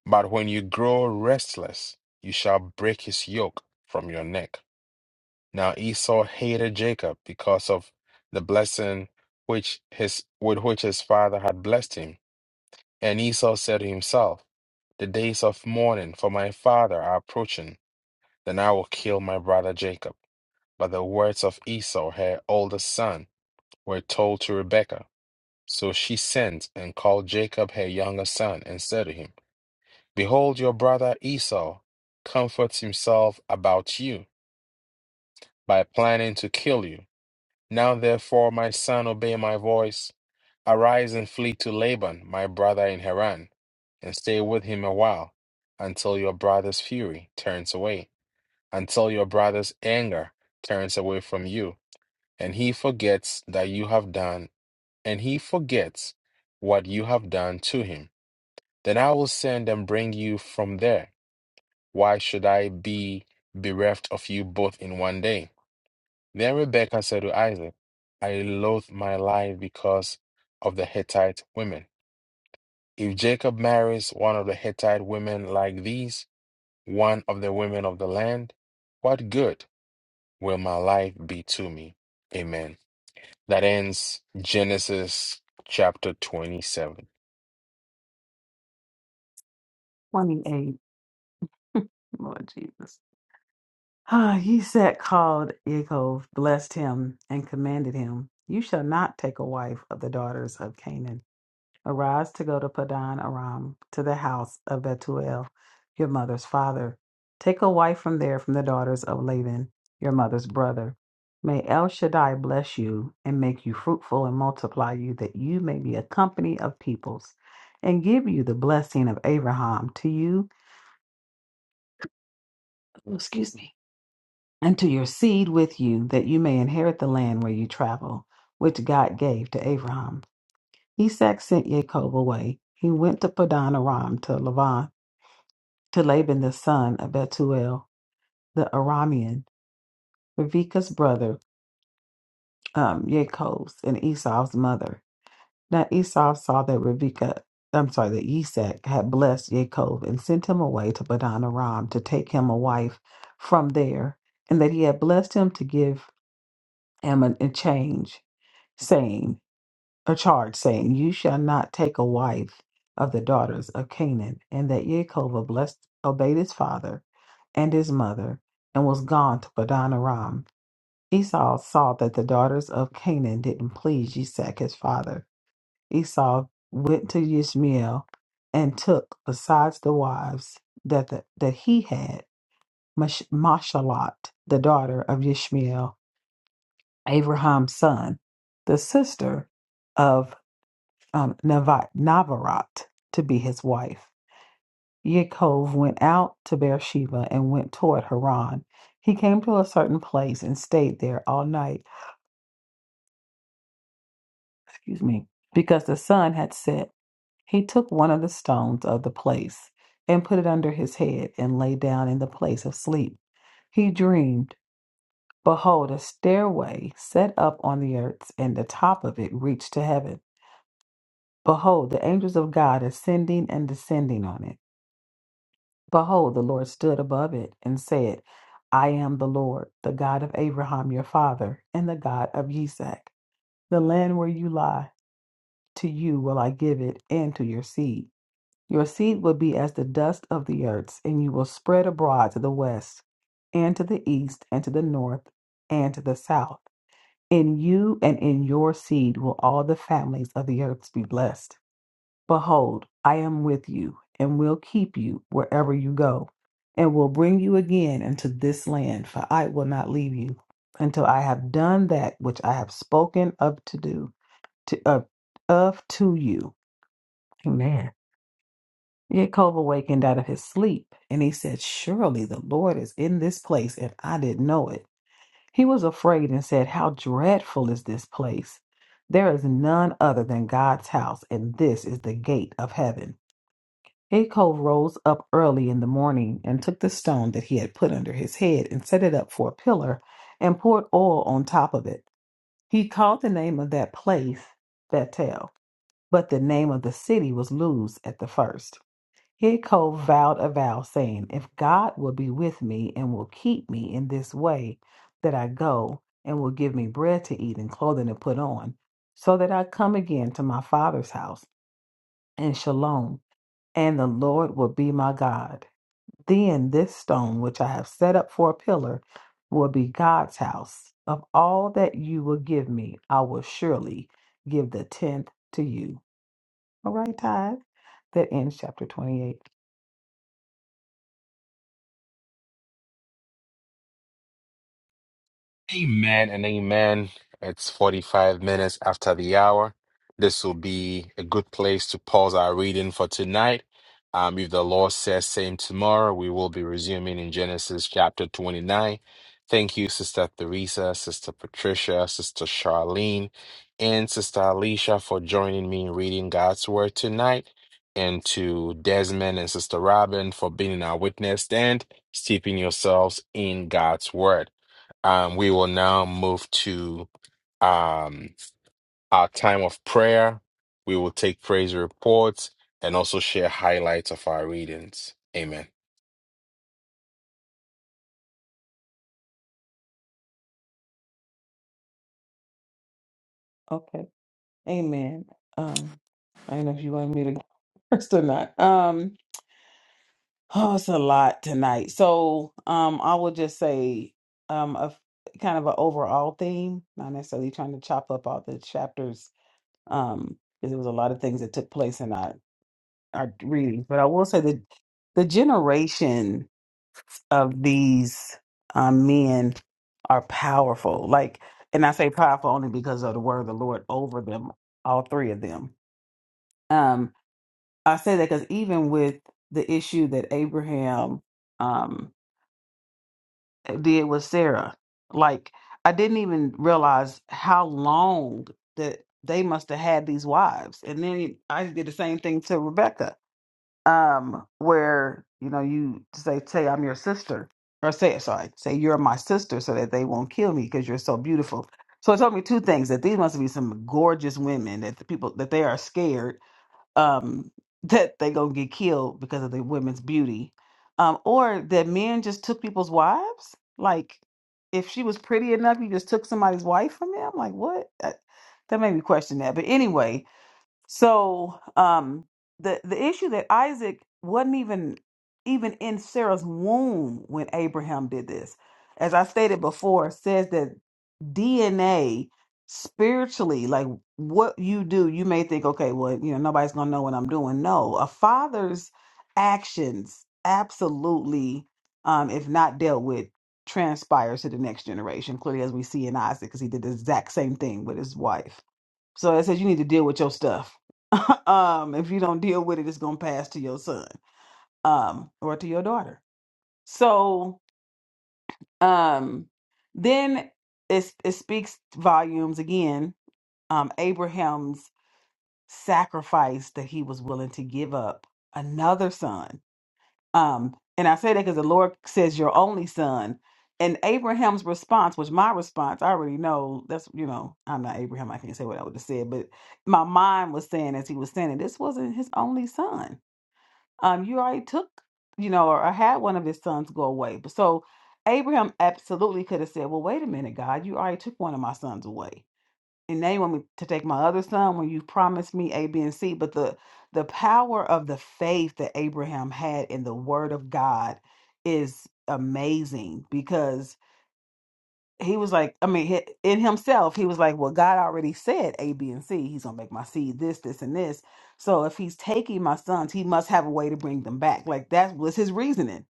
A: But when you grow restless, you shall break his yoke from your neck. Now Esau hated Jacob because of the blessing which his with which his father had blessed him. And Esau said to himself, The days of mourning for my father are approaching, then I will kill my brother Jacob. But the words of Esau, her oldest son, were told to Rebekah. So she sent and called Jacob her younger son, and said to him, Behold, your brother Esau comforts himself about you by planning to kill you. Now therefore, my son, obey my voice. Arise and flee to Laban, my brother in Haran, and stay with him a while, until your brother's fury turns away, until your brother's anger turns away from you, and he forgets that you have done, and he forgets what you have done to him. Then I will send and bring you from there. Why should I be bereft of you both in one day? Then Rebekah said to Isaac, I loathe my life because of the Hittite women. If Jacob marries one of the Hittite women like these, one of the women of the land, what good will my life be to me? Amen. That ends Genesis chapter 27.
B: Twenty-eight. Lord Jesus. Ah, he set called Yaakov, blessed him, and commanded him, You shall not take a wife of the daughters of Canaan. Arise to go to Padan Aram, to the house of Bethuel, your mother's father. Take a wife from there from the daughters of Laban, your mother's brother. May El Shaddai bless you and make you fruitful and multiply you, that you may be a company of peoples, and give you the blessing of Abraham to you. Oh, excuse me and to your seed with you, that you may inherit the land where you travel, which God gave to Abraham. Esau sent Jacob away. He went to Padan Aram to Laban, to Laban the son of Bethuel the Aramean, Rebekah's brother, um, Jacob's and Esau's mother. Now Esau saw that Rebekah, I'm sorry, that Esau had blessed Jacob and sent him away to Padan Aram to take him a wife from there, and that he had blessed him to give him an- a change saying, a charge saying, You shall not take a wife of the daughters of Canaan. And that Yaakov blessed, obeyed his father and his mother, and was gone to Padan Aram. Esau saw that the daughters of Canaan didn't please Isaac his father. Esau went to Ishmael and took, besides the wives that, the, that he had, Mash- Mashalat, the daughter of Ishmael, Abraham's son, the sister of. um, Navat, Navarat to be his wife. Yaakov went out to Beersheba and went toward Haran. He came to a certain place and stayed there all night, excuse me, because the sun had set. He took one of the stones of the place and put it under his head and lay down in the place of sleep. He dreamed, behold, a stairway set up on the earth, and the top of it reached to heaven. Behold, the angels of God ascending and descending on it. Behold, the Lord stood above it and said, I am the Lord, the God of Abraham your father, and the God of Isaac. The land where you lie, to you will I give it, and to your seed. Your seed will be as the dust of the earths, and you will spread abroad to the west, and to the east, and to the north, and to the south. In you and in your seed will all the families of the earth be blessed. Behold, I am with you and will keep you wherever you go, and will bring you again into this land, for I will not leave you until I have done that which I have spoken of to do to of, of to you. Amen. Jacob awakened out of his sleep, and he said, Surely the Lord is in this place, and I didn't know it. He was afraid and said, How dreadful is this place! There is none other than God's house, and this is the gate of heaven. Acol rose up early in the morning and took the stone that he had put under his head and set it up for a pillar and poured oil on top of it. He called the name of that place Bethel, but the name of the city was Luz at the first. Acol vowed a vow, saying, If God will be with me and will keep me in this way that I go, and will give me bread to eat and clothing to put on, so that I come again to my father's house, in shalom, and the Lord will be my God. Then this stone, which I have set up for a pillar, will be God's house. Of all that you will give me, I will surely give the tenth to you. All right, tithe. That ends chapter 28.
A: Amen and amen. It's 45 minutes after the hour. This will be a good place to pause our reading for tonight. Um, if the Lord says same tomorrow, we will be resuming in Genesis chapter 29. Thank you, Sister Theresa, Sister Patricia, Sister Charlene, and Sister Alicia for joining me in reading God's Word tonight. And to Desmond and Sister Robin for being our witness and steeping yourselves in God's Word. Um, we will now move to um, our time of prayer. We will take praise reports and also share highlights of our readings. Amen.
B: Okay. Amen. Um, I don't know if you want me to go first or not. Um, Oh, it's a lot tonight. So, um, I will just say, um, a f- kind of an overall theme, not necessarily trying to chop up all the chapters, um, because there was a lot of things that took place in our our readings. But I will say that the generation of these um, men are powerful. Like, and I say powerful only because of the word of the Lord over them, all three of them. Um, I say that because even with the issue that Abraham. um. did with Sarah. Like I didn't even realize how long that they must have had these wives. And then I did the same thing to Rebecca, um, where you know you say, "Say I'm your sister," or say, "Sorry, say you're my sister," so that they won't kill me because you're so beautiful. So it told me two things: that these must be some gorgeous women that the people that they are scared um, that they gonna get killed because of the women's beauty, um, or that men just took people's wives. Like, if she was pretty enough, you just took somebody's wife from me. I'm like, what? That, that made me question that. But anyway, so um the the issue that Isaac wasn't even even in Sarah's womb when Abraham did this. As I stated before, it says that DNA spiritually, like what you do, you may think, okay, well, you know, nobody's gonna know what I'm doing. No, a father's actions absolutely, um, if not dealt with, transpires to the next generation, clearly as we see in Isaac, because he did the exact same thing with his wife. So that says you need to deal with your stuff. um, if you don't deal with it, it's gonna pass to your son, um, or to your daughter. So um then it it speaks volumes again, um, Abraham's sacrifice that he was willing to give up another son Um, and I say that because the Lord says your only son. And Abraham's response was my response. I already know that's you know I'm not Abraham. I can't say what I would have said, but my mind was saying as he was saying it, this wasn't his only son. Um, you already took you know or, or had one of his sons go away. But so Abraham absolutely could have said, well, wait a minute, God, you already took one of my sons away and now you want me to take my other son when you promised me A, B, and C. But the the power of the faith that Abraham had in the word of God is amazing because he was like, I mean, hi- in himself, he was like, well, God already said A, B, and C. He's gonna make my seed this, this, and this. So if he's taking my sons, he must have a way to bring them back. Like that was his reasoning,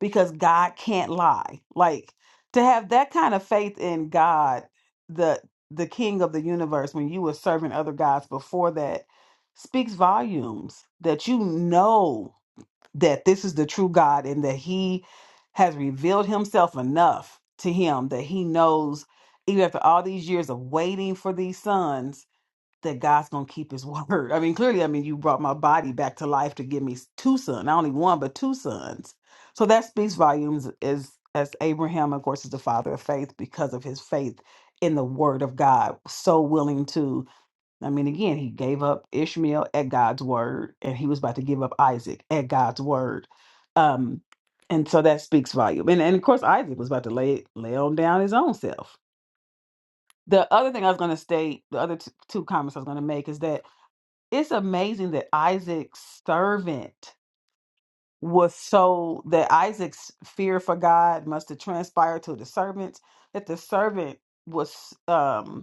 B: because God can't lie. Like to have that kind of faith in God, the the King of the universe, when you were serving other gods before that, speaks volumes that you know that this is the true God and that he has revealed himself enough to him that he knows, even after all these years of waiting for these sons, that God's going to keep his word. I mean, clearly, I mean, you brought my body back to life to give me two sons, not only one, but two sons. So that speaks volumes as, as Abraham, of course, is the father of faith because of his faith in the word of God, so willing to I mean, again, he gave up Ishmael at God's word, and he was about to give up Isaac at God's word. Um, and so that speaks volume. And and of course, Isaac was about to lay lay on down his own self. The other thing I was going to state, the other t- two comments I was going to make is that it's amazing that Isaac's servant was so that Isaac's fear for God must have transpired to the servant that the servant was um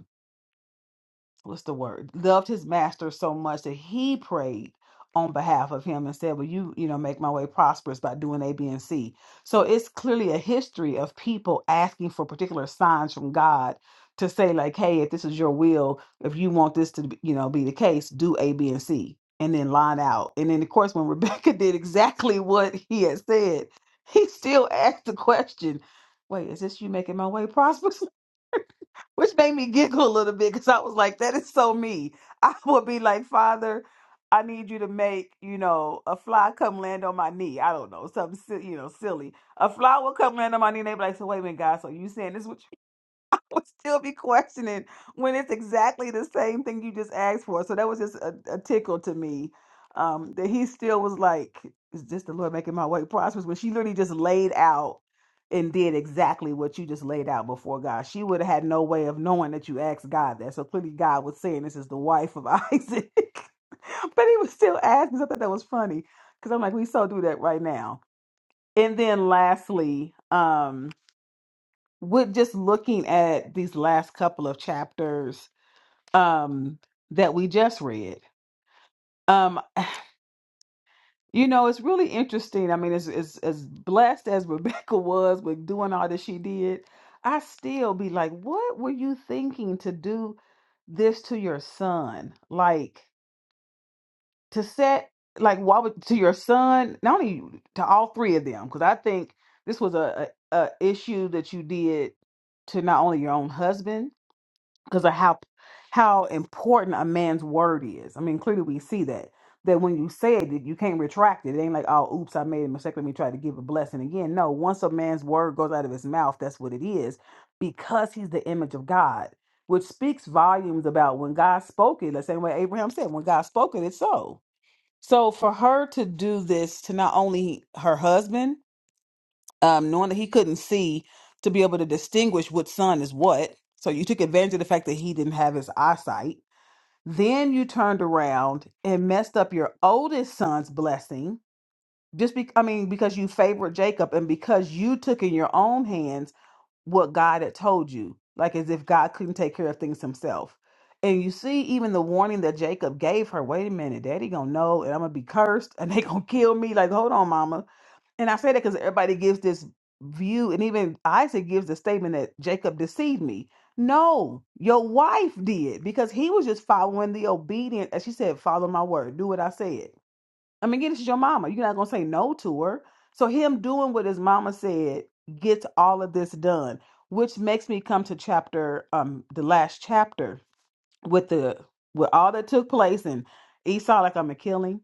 B: what's the word loved his master so much that he prayed on behalf of him and said will you you know make my way prosperous by doing a b and c so it's clearly a history of people asking for particular signs from god to say like hey if this is your will if you want this to be, you know be the case do a b and c and then line out and then of course when rebecca did exactly what he had said he still asked the question wait is this you making my way prosperous which made me giggle a little bit because I was like, that is so me. I would be like, Father, I need you to make, you know, a fly come land on my knee. I don't know, something, si- you know, silly. A fly will come land on my knee. And they be like, so wait a minute, God, so you saying this? would still be questioning when it's exactly the same thing you just asked for. So that was just a, a tickle to me um, that he still was like, "Is this the Lord making my way prosperous?" When she literally just laid out and did exactly what you just laid out before God. She would have had no way of knowing that you asked God that. So clearly, God was saying, "This is the wife of Isaac," but he was still asking. So I thought that was funny because I'm like, we so do that right now. And then lastly. um with just looking at these last couple of chapters um that we just read um you know it's really interesting i mean as as, as blessed as rebecca was with doing all that she did i still be like what were you thinking to do this to your son like to set like why would to your son not only you, to all three of them because i think this was a, a a issue that you did to not only your own husband because of how how important a man's word is. I mean, clearly we see that that when you say it, you can't retract it. It ain't like, oh, oops, I made a mistake. Let me try to give a blessing again. No, once a man's word goes out of his mouth, that's what it is, because he's the image of God, which speaks volumes about when God spoke it. The same way Abraham said, when God spoke it, it's so. So for her to do this to not only her husband, um, knowing that he couldn't see to be able to distinguish what sun is what. So you took advantage of the fact that he didn't have his eyesight. Then you turned around and messed up your oldest son's blessing. Just be, I mean, because you favored Jacob and because you took in your own hands what God had told you, like as if God couldn't take care of things himself. And you see, even the warning that Jacob gave her, wait a minute, daddy gonna know and I'm gonna be cursed and they gonna kill me. Like, hold on, mama and I say that because everybody gives this view, and even Isaac gives the statement that Jacob deceived me. No, your wife did because he was just following the obedient, as she said, follow my word, do what I said. I mean, again, this is your mama. You're not gonna say no to her. So him doing what his mama said gets all of this done, which makes me come to chapter um the last chapter with the with all that took place and Esau like I'm a killing.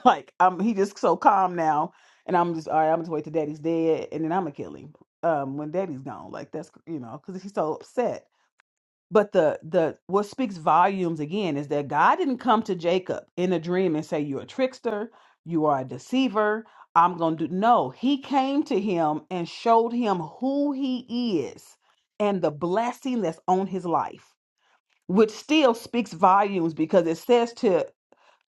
B: Like um, he just so calm now, and I'm just all right. I'm just wait till Daddy's dead, and then I'm gonna kill him. Um, when Daddy's gone, like that's you know, because he's so upset. But the the what speaks volumes again is that God didn't come to Jacob in a dream and say you're a trickster, you are a deceiver. I'm gonna do no. He came to him and showed him who he is and the blessing that's on his life, which still speaks volumes because it says to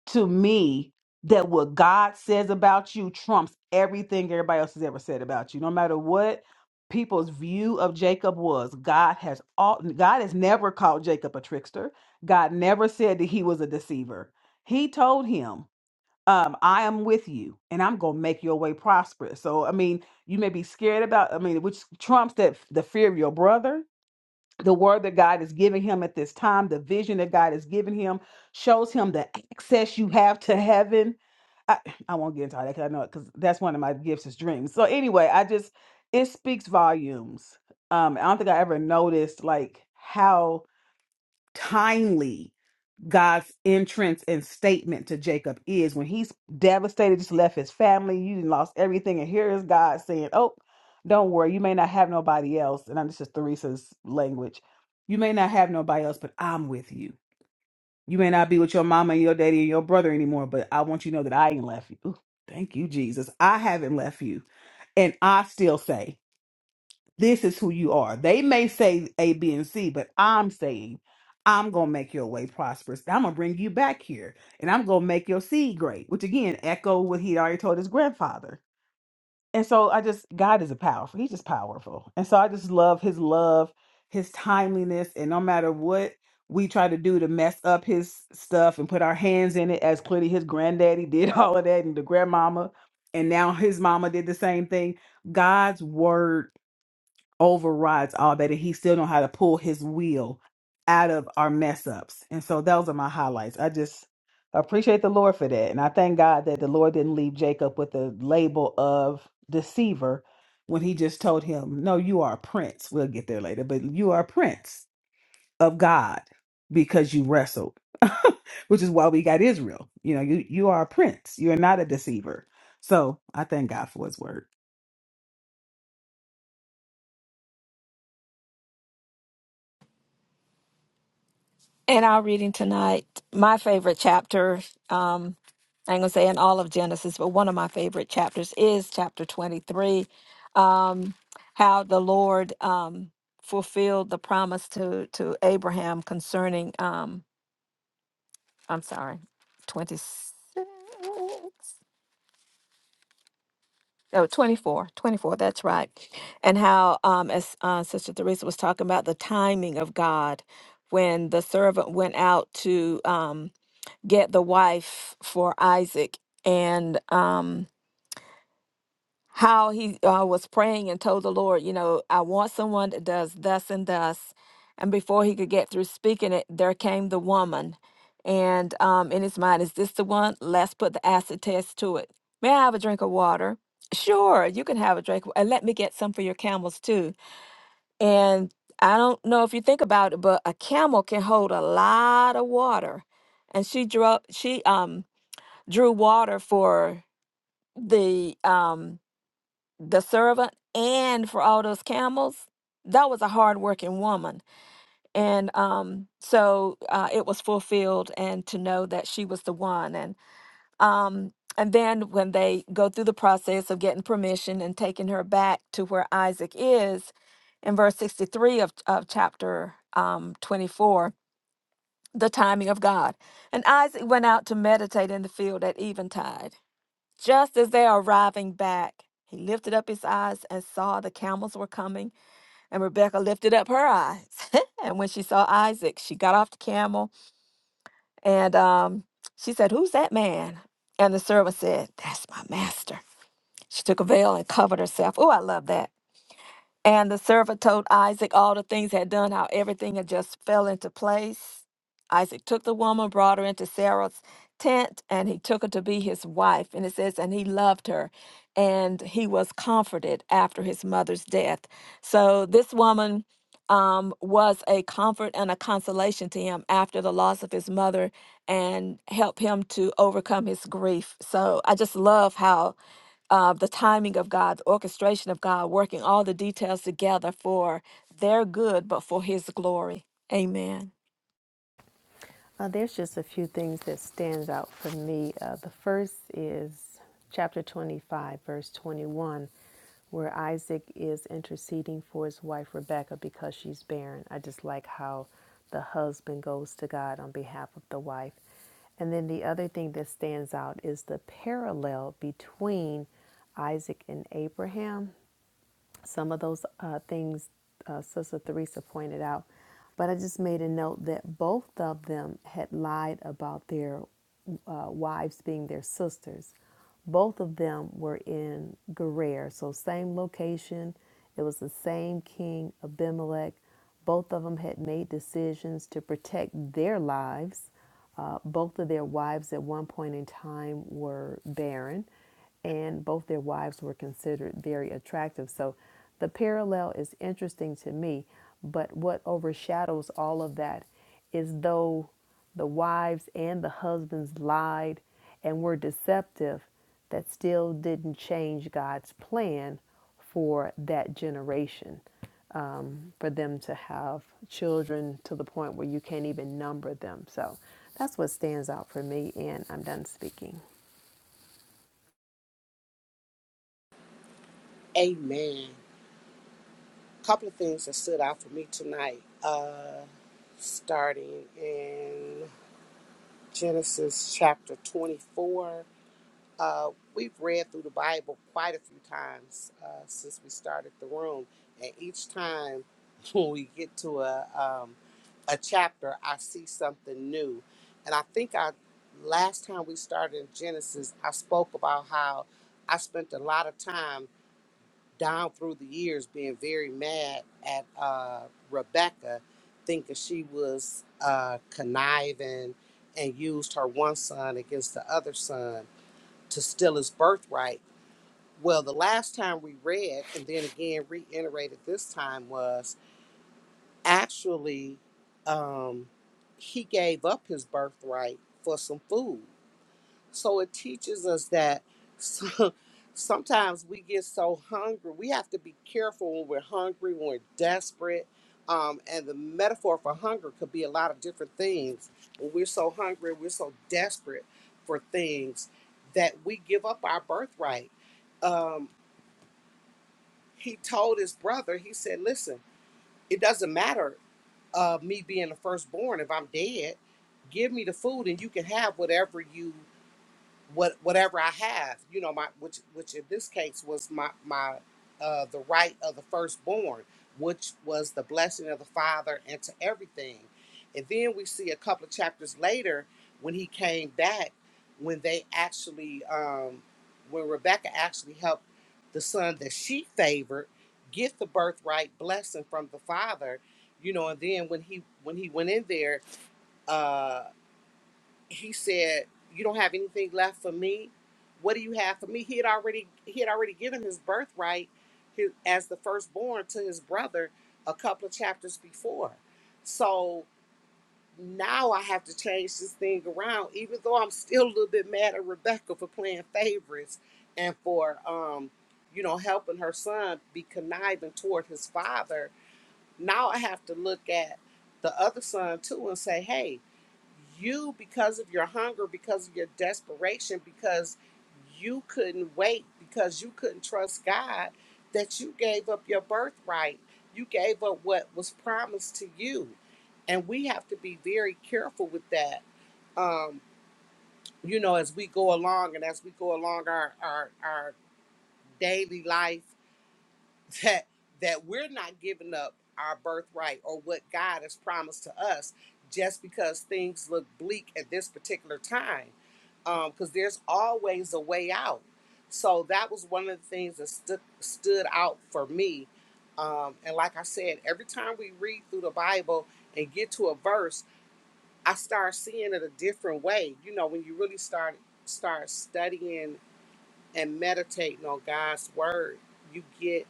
B: to me that what God says about you trumps everything everybody else has ever said about you. No matter what people's view of Jacob was, God has all God has never called Jacob a trickster. God never said that he was a deceiver. He told him, um, I am with you and I'm gonna make your way prosperous. So I mean, you may be scared about, I mean, which trumps that the fear of your brother the word that God is giving him at this time, the vision that God is giving him, shows him the access you have to heaven. I, I won't get into all that because I know it because that's one of my gifts is dreams. So anyway, I just it speaks volumes. Um, I don't think I ever noticed like how timely God's entrance and statement to Jacob is when he's devastated, just left his family, you done lost everything, and here is God saying, "Oh, don't worry, you may not have nobody else." And I'm- this is Theresa's language. You may not have nobody else, but I'm with you. You may not be with your mama and your daddy and your brother anymore, but I want you to know that I ain't left you. Ooh, thank you, Jesus. I haven't left you, and I still say. This is who you are. They may say A, B, and C, but I'm saying I'm going to make your way prosperous. I'm going to bring you back here and I'm going to make your seed great, which again, echo what he already told his grandfather. And so I just, God is a powerful, he's just powerful. And so I just love his love, his timeliness. And no matter what we try to do to mess up his stuff and put our hands in it, as clearly his granddaddy did all of that and the grandmama, and now his mama did the same thing. God's word overrides all that and he still know how to pull his will out of our mess ups and so those are my highlights i just appreciate the lord for that and i thank god that the lord didn't leave jacob with the label of deceiver when he just told him no you are a prince we'll get there later but you are a prince of god because you wrestled which is why we got israel you know you you are a prince you're not a deceiver so i thank god for his word
C: In our reading tonight, my favorite chapter. um, I ain't gonna say in all of Genesis, but one of my favorite chapters is chapter 23, um, how the Lord um, fulfilled the promise to to Abraham concerning. Um, I'm sorry, 26. Oh, 24, 24, that's right. And how, um, as uh, Sister Teresa was talking about, the timing of God when the servant went out to um, get the wife for Isaac. And um, how he uh, was praying and told the Lord, you know, I want someone that does thus and thus. And before he could get through speaking it, there came the woman. And um, in his mind, is this the one? Let's put the acid test to it. May I have a drink of water? Sure, you can have a drink. And let me get some for your camels too. And I don't know if you think about it, but a camel can hold a lot of water. And she drew she um drew water for the um the servant and for all those camels that was a hardworking woman and um, so uh, it was fulfilled and to know that she was the one and um, and then when they go through the process of getting permission and taking her back to where isaac is in verse 63 of, of chapter um, 24 the timing of god and isaac went out to meditate in the field at eventide just as they are arriving back, he lifted up his eyes and saw the camels were coming, and Rebecca lifted up her eyes. and when she saw Isaac, she got off the camel and um, she said, Who's that man? And the servant said, That's my master. She took a veil and covered herself. Oh, I love that. And the servant told Isaac all the things he had done, how everything had just fell into place. Isaac took the woman, brought her into Sarah's tent, and he took her to be his wife. And it says, and he loved her, and he was comforted after his mother's death. So this woman um, was a comfort and a consolation to him after the loss of his mother and helped him to overcome his grief. So I just love how uh, the timing of God, the orchestration of God, working all the details together for their good, but for His glory. Amen.
D: Uh, there's just a few things that stands out for me. Uh, the first is chapter 25, verse 21, where Isaac is interceding for his wife Rebecca because she's barren. I just like how the husband goes to God on behalf of the wife. And then the other thing that stands out is the parallel between Isaac and Abraham some of those uh, things uh, Sister Theresa pointed out. But I just made a note that both of them had lied about their uh, wives being their sisters. Both of them were in Gerar, so same location. It was the same king, Abimelech. Both of them had made decisions to protect their lives. Uh, both of their wives at one point in time were barren and both their wives were considered very attractive. So the parallel is interesting to me, but what overshadows all of that is though the wives and the husbands lied and were deceptive, that still didn't change God's plan for that generation, um, for them to have children to the point where you can't even number them. So that's what stands out for me, and I'm done speaking.
E: Amen. A couple of things that stood out for me tonight, uh, starting in Genesis chapter 24. Uh, we've read through the Bible quite a few times uh, since we started the room, and each time when we get to a um, a chapter, I see something new. And I think I last time we started in Genesis, I spoke about how I spent a lot of time down through the years being very mad at uh, Rebecca, thinking she was uh, conniving and used her one son against the other son to steal his birthright. Well, the last time we read, and then again reiterated this time, was actually um, he gave up his birthright for some food. So it teaches us that so- sometimes we get so hungry. We have to be careful when we're hungry, when we're desperate. Um, and the metaphor for hunger could be a lot of different things. When we're so hungry, we're so desperate for things that we give up our birthright. Um, he told his brother, he said, Listen, it doesn't matter uh, me being the firstborn if I'm dead. Give me the food and you can have whatever you what whatever I have, you know, my which which in this case was my my uh the right of the firstborn, which was the blessing of the father and to everything. And then we see a couple of chapters later when he came back, when they actually um when Rebecca actually helped the son that she favored get the birthright blessing from the father, you know, and then when he when he went in there uh he said, "You don't have anything left for me. What do you have for me?" He had already he had already given his birthright his, as the firstborn to his brother a couple of chapters before. So now I have to change this thing around, even though I'm still a little bit mad at Rebecca for playing favorites and for um, you know helping her son be conniving toward his father now I have to look at the other son too and say, hey, you because of your hunger, because of your desperation, because you couldn't wait, because you couldn't trust God, that you gave up your birthright. You gave up what was promised to you. And we have to be very careful with that. Um, you know, as we go along and as we go along our our, our daily life that that we're not giving up our birthright or what God has promised to us just because things look bleak at this particular time. Um, Because there's always a way out. So that was one of the things that stood stood out for me. Um, and like I said, every time we read through the Bible and get to a verse, I start seeing it a different way. You know, when you really start start studying and meditating on God's word, you get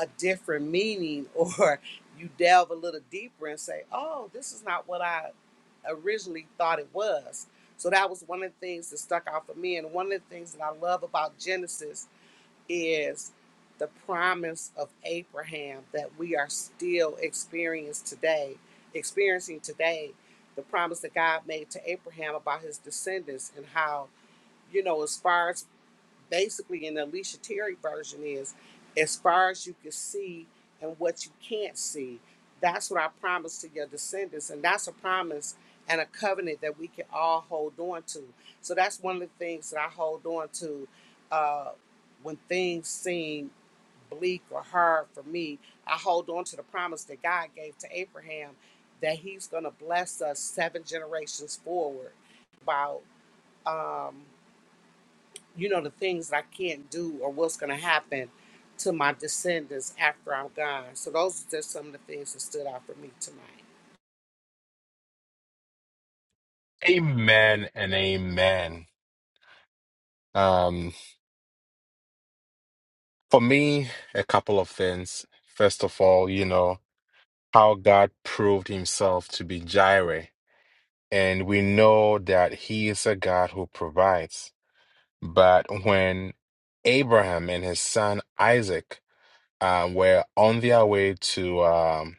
E: a different meaning or you delve a little deeper and say, oh, this is not what I originally thought it was. So that was one of the things that stuck out for me. And one of the things that I love about Genesis is the promise of Abraham that we are still experiencing today, experiencing today, the promise that God made to Abraham about his descendants and how, you know, as far as basically in the Alicia Terry version is as far as you can see and what you can't see. That's what I promise to your descendants. And that's a promise and a covenant that we can all hold on to. So that's one of the things that I hold on to uh, when things seem bleak or hard for me. I hold on to the promise that God gave to Abraham that he's going to bless us seven generations forward. About um you know, the things that I can't do or what's going to happen to my descendants after I'm gone. So those are just some of the things that stood out for me tonight.
A: Amen and amen. Um, for me, a couple of things. First of all, you know, how God proved himself to be Jireh. And we know that he is a God who provides. But when Abraham and his son Isaac um, were on their way to um,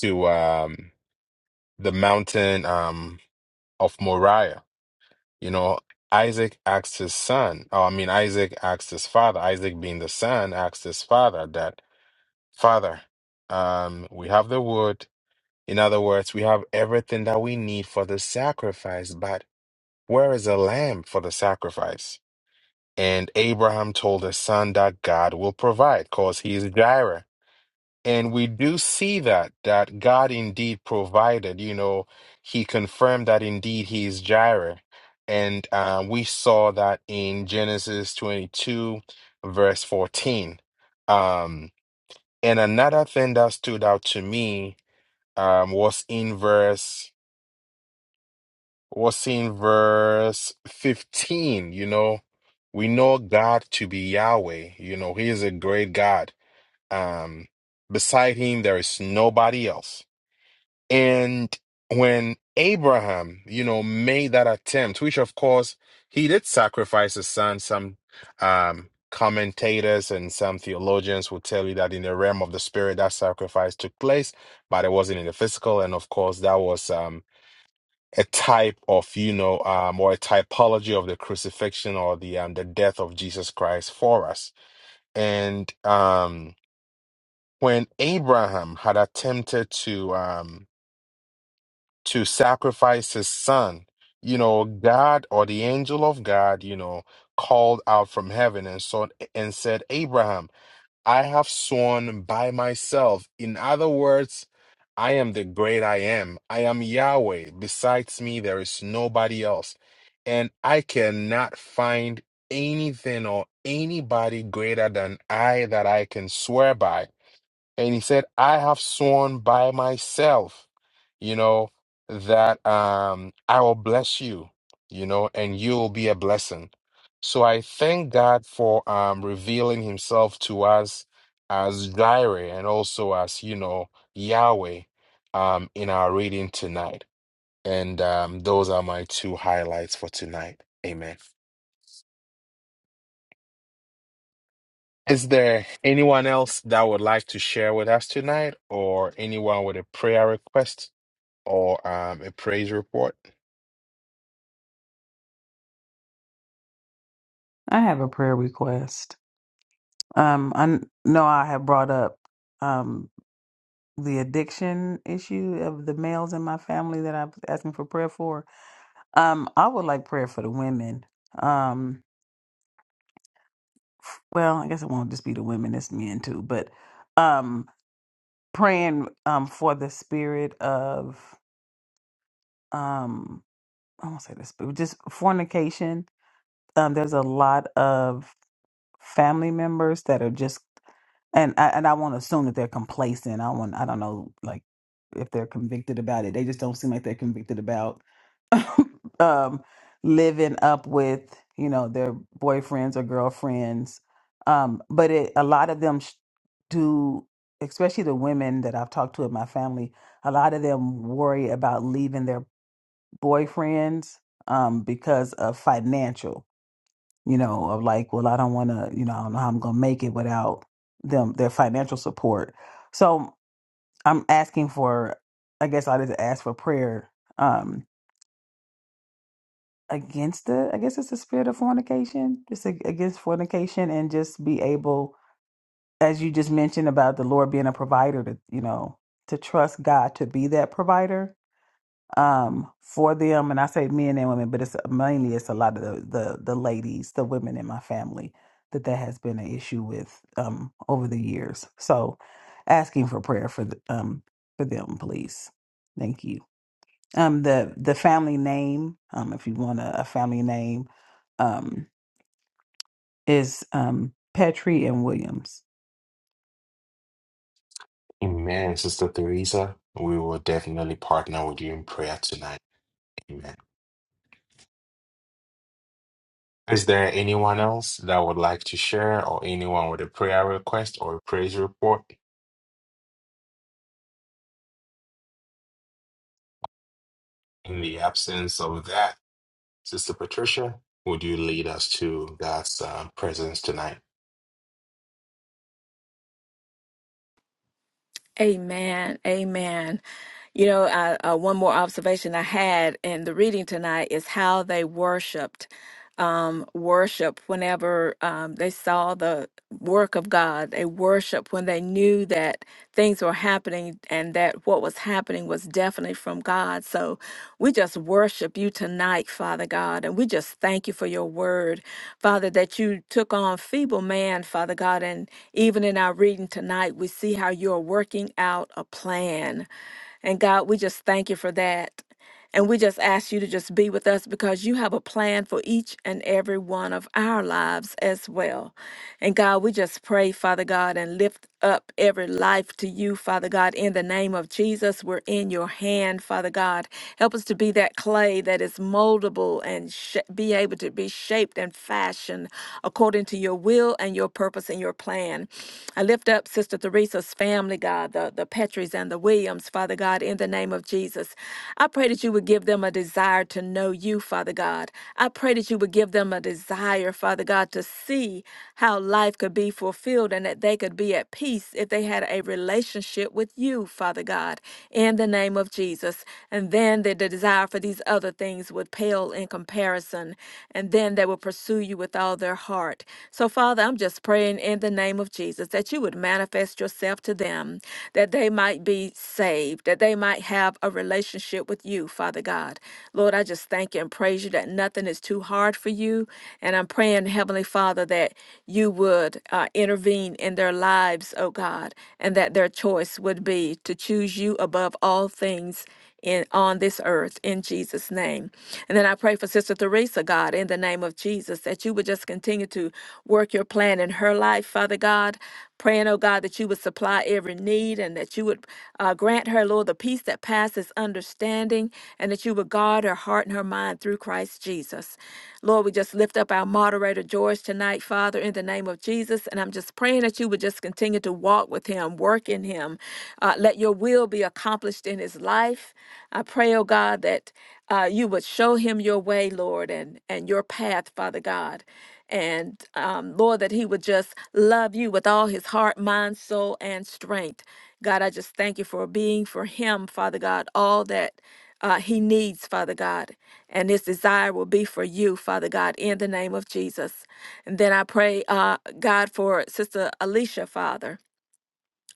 A: to um, the mountain um, of Moriah. You know, Isaac asked his son. Oh, I mean, Isaac asked his father. Isaac, being the son, asked his father that, "Father, um, we have the wood. In other words, we have everything that we need for the sacrifice. But where is the lamb for the sacrifice?" And Abraham told his son that God will provide, cause he is Jireh And we do see that, that God indeed provided, you know, he confirmed that indeed he is Jireh. And uh, we saw that in Genesis 22, verse 14. Um, and another thing that stood out to me um, was in verse was in verse 15, you know, we know God to be Yahweh, you know, he is a great God. Um, beside him, there is nobody else And when Abraham, you know, made that attempt, which of course he did sacrifice his son, some um, commentators and some theologians will tell you that in the realm of the spirit, that sacrifice took place, but it wasn't in the physical. And of course, that was um, a type of, you know, um, or a typology of the crucifixion or the um, the death of Jesus Christ for us. And um, when Abraham had attempted to, um, to sacrifice his son. You know, God or the angel of God, you know, called out from heaven and saw and said, Abraham, I have sworn by myself. In other words, I am the great I am. I am Yahweh. Besides me, there is nobody else. And I cannot find anything or anybody greater than I that I can swear by and he said, I have sworn by myself, you know, that um, I will bless you, you know, and you will be a blessing. So I thank God for um, revealing himself to us as Jireh and also as, you know, Yahweh um, in our reading tonight. And um, those are my two highlights for tonight. Amen. Is there anyone else that would like to share with us tonight or anyone with a prayer request? or um, a praise report.
B: i have a prayer request Um, I kn- know I have brought up um, the addiction issue of the males in my family that I was asking for prayer for. Um, I would like prayer for the women. Um, well, I guess it won't just be the women; it's men too. But um, praying um, for the spirit of um, I won't say the spirit, just fornication. Um, there's a lot of family members that are just and I, and I won't assume that they're complacent. I want I don't know like if they're convicted about it. They just don't seem like they're convicted about um, living up with you know their boyfriends or girlfriends. Um, but it, a lot of them sh- do, especially the women that I've talked to in my family. A lot of them worry about leaving their boyfriends um, because of financial you know, of like, well, I don't want to, you know, I don't know how I'm going to make it without them, their financial support. So I'm asking for, I guess I just ask for prayer um, against the, I guess it's the spirit of fornication, just ag- against fornication and just be able, as you just mentioned about the Lord being a provider to, you know, to trust God to be that provider um for them and i say men and women but it's mainly it's a lot of the the, the ladies the women in my family that that has been an issue with um over the years so asking for prayer for the, um for them please thank you um the the family name um if you want a, a family name um is um petrie and williams
A: Amen, Sister Theresa. We will definitely partner with you in prayer tonight. Amen. Is there anyone else that would like to share or anyone with a prayer request or a praise report? In the absence of that, Sister Patricia, would you lead us to God's uh, presence tonight?
C: Amen. Amen. You know, I, uh, one more observation I had in the reading tonight is how they worshiped. um, worship whenever um, they saw the work of God. They worship when they knew that things were happening and that what was happening was definitely from God. So we just worship you tonight, Father God, and we just thank you for your word, Father, that you took on feeble man, Father God. And even in our reading tonight, we see how you're working out a plan. And God, we just thank you for that. And we just ask you to just be with us because you have a plan for each and every one of our lives as well. And God, we just pray, Father God, and lift up every life to you, Father God, in the name of Jesus. We're in your hand, Father God. Help us to be that clay that is moldable and sh- be able to be shaped and fashioned according to your will and your purpose and your plan. I lift up Sister Theresa's family, God, the, the Petries and the Williams, Father God, in the name of Jesus. I pray that you would give them a desire desire to know you, Father God. I pray that you would give them a desire, Father God, to see how life could be fulfilled and that they could be at peace if they had a relationship with you, Father God, in the name of Jesus. And then the desire for these other things would pale in comparison, and then they will pursue you with all their heart. So, Father, I'm just praying in the name of Jesus that you would manifest yourself to them that they might be saved, that they might have a relationship with you, Father God. Lord, I just thank you and praise you that nothing is too hard for you. And I'm praying, Heavenly Father, that you would uh, intervene in their lives, oh God, and that their choice would be to choose you above all things in on this earth in Jesus' name. And then I pray for Sister Teresa, God, in the name of Jesus, that you would just continue to work your plan in her life, Father God. Praying, oh God, that you would supply every need and that you would uh, grant her, Lord, the peace that passes understanding and that you would guard her heart and her mind through Christ Jesus. Lord, we just lift up our moderator, George, tonight, Father, in the name of Jesus. And I'm just praying that you would just continue to walk with him, work in him, uh, let your will be accomplished in his life. I pray, oh God, that uh, you would show him your way, Lord, and, and your path, Father God. And um, Lord, that he would just love you with all his heart, mind, soul, and strength. God, I just thank you for being for him, Father God, all that uh, he needs, Father God. And his desire will be for you, Father God, in the name of Jesus. And then I pray, uh, God, for Sister Alicia, Father.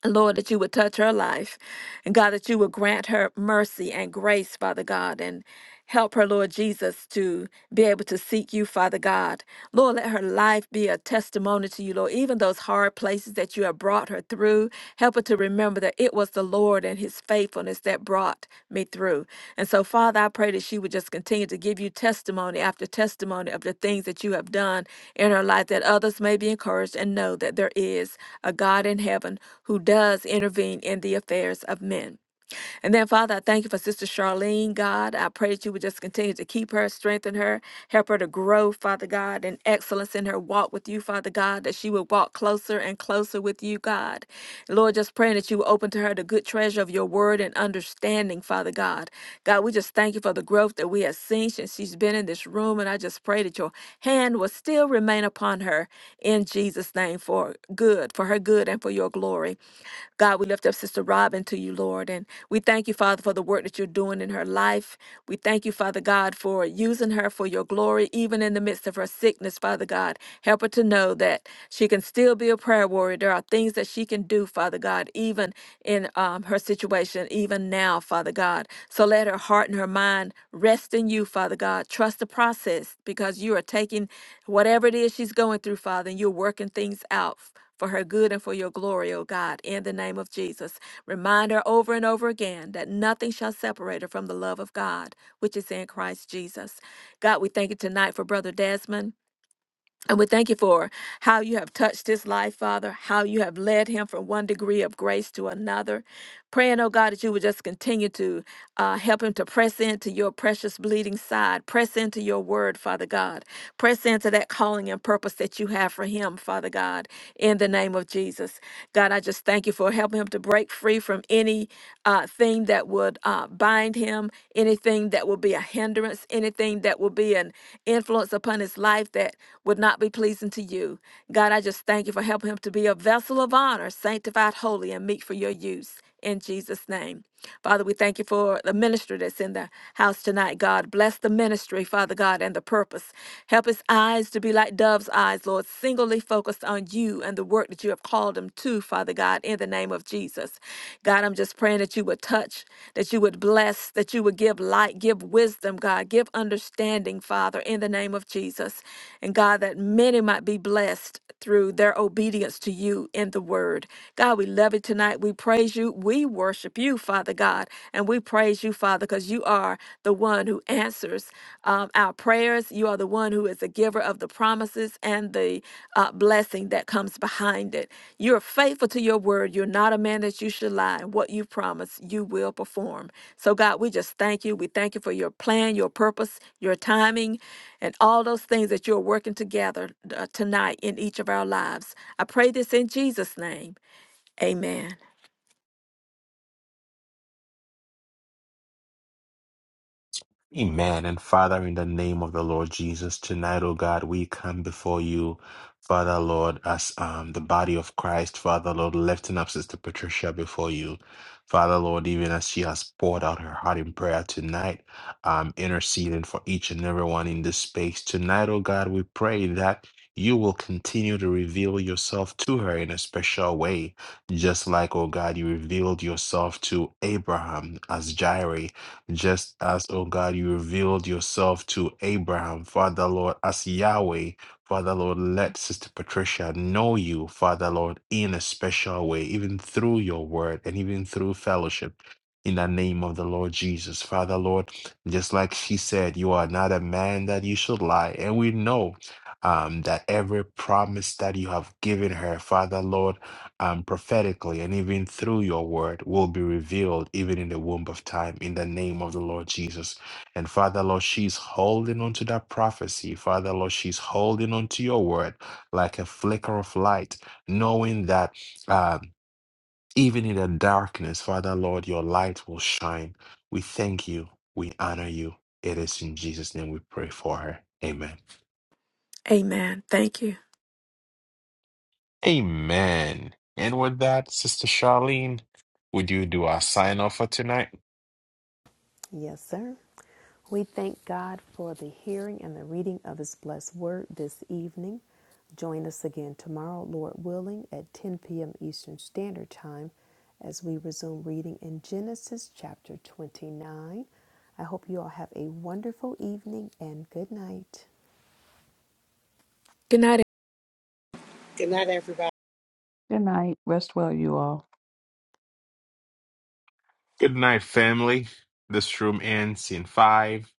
C: Lord, that you would touch her life. And God, that you would grant her mercy and grace, Father God, and help her, Lord Jesus, to be able to seek you, Father God. Lord, let her life be a testimony to you, Lord. Even those hard places that you have brought her through, help her to remember that it was the Lord and his faithfulness that brought me through. And so, Father, I pray that she would just continue to give you testimony after testimony of the things that you have done in her life, that others may be encouraged and know that there is a God in heaven who does intervene in the affairs of men. And then, Father, I thank you for Sister Charlene, God. I pray that you would just continue to keep her, strengthen her, help her to grow, Father God, in excellence in her walk with you, Father God, that she would walk closer and closer with you, God. Lord, just praying that you would open to her the good treasure of your word and understanding, Father God. God, we just thank you for the growth that we have seen since she's been in this room. And I just pray that your hand will still remain upon her in Jesus' name for good, for her good and for your glory. God, we lift up Sister Robin to you, Lord, and we thank you, Father, for the work that you're doing in her life. We thank you, Father God, for using her for your glory, even in the midst of her sickness, Father God. Help her to know that she can still be a prayer warrior. There are things that she can do, Father God, even in um, her situation, even now, Father God. So let her heart and her mind rest in you, Father God. Trust the process because you are taking whatever it is she's going through, Father, and you're working things out for her good and for your glory, O God, in the name of Jesus. Remind her over and over again that nothing shall separate her from the love of God, which is in Christ Jesus. God, we thank you tonight for Brother Desmond. And we thank you for how you have touched his life, Father, how you have led him from one degree of grace to another. Praying, oh God, that you would just continue to uh, help him to press into your precious bleeding side, press into your word, Father God, press into that calling and purpose that you have for him, Father God, in the name of Jesus. God, I just thank you for helping him to break free from any uh, thing that would uh, bind him, anything that would be a hindrance, anything that would be an influence upon his life that would not not be pleasing to you. God, I just thank you for helping him to be a vessel of honor, sanctified, holy, and meet for your use. In Jesus' name. Father, we thank you for the ministry that's in the house tonight, God. Bless the ministry, Father God, and the purpose. Help his eyes to be like dove's eyes, Lord, singly focused on you and the work that you have called him to, Father God, in the name of Jesus. God, I'm just praying that you would touch, that you would bless, that you would give light, give wisdom, God, give understanding, Father, in the name of Jesus. Jesus. And God, that many might be blessed through their obedience to you in the word. God, we love you tonight. We praise you. We worship you, Father God. And we praise you, Father, because you are the one who answers um, our prayers. You are the one who is the giver of the promises and the uh, blessing that comes behind it. You're faithful to your word. You're not a man that you should lie. And what you promise, you will perform. So, God, we just thank you. We thank you for your plan, your purpose, your timing and all those things that you're working together uh, tonight in each of our lives. I pray this in Jesus' name. Amen.
A: Amen. And Father, in the name of the Lord Jesus, tonight, oh God, we come before you, Father, Lord, as um, the body of Christ, Father, Lord, lifting up Sister Patricia before you. Father, Lord, even as she has poured out her heart in prayer tonight, um, interceding for each and everyone in this space. Tonight, oh God, we pray that you will continue to reveal yourself to her in a special way, just like, oh God, you revealed yourself to Abraham as Jireh just as, O God, you revealed yourself to Abraham, Father Lord, as Yahweh, Father Lord, let Sister Patricia know you, Father Lord, in a special way, even through your word and even through fellowship. In the name of the Lord Jesus, Father Lord, just like she said, you are not a man that you should lie. And we know um, that every promise that you have given her, Father Lord, um, prophetically and even through your word will be revealed even in the womb of time in the name of the Lord Jesus. And Father Lord, she's holding on to that prophecy. Father Lord, she's holding on to your word like a flicker of light, knowing that uh, even in the darkness, Father Lord, your light will shine. We thank you. We honor you. It is in Jesus' name we pray for her. Amen.
C: Amen. Thank you.
A: Amen. And with that, Sister Charlene, would you do our sign off for tonight?
D: Yes, sir. We thank God for the hearing and the reading of His blessed word this evening. Join us again tomorrow, Lord willing, at 10 p.m. Eastern Standard Time as we resume reading in Genesis chapter 29. I hope you all have a wonderful evening and good night.
C: Good night.
E: Good night, everybody.
B: good night rest well you all
A: Good night, family. This room ends in five,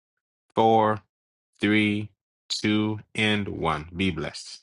A: four, three, two, and one. Be blessed.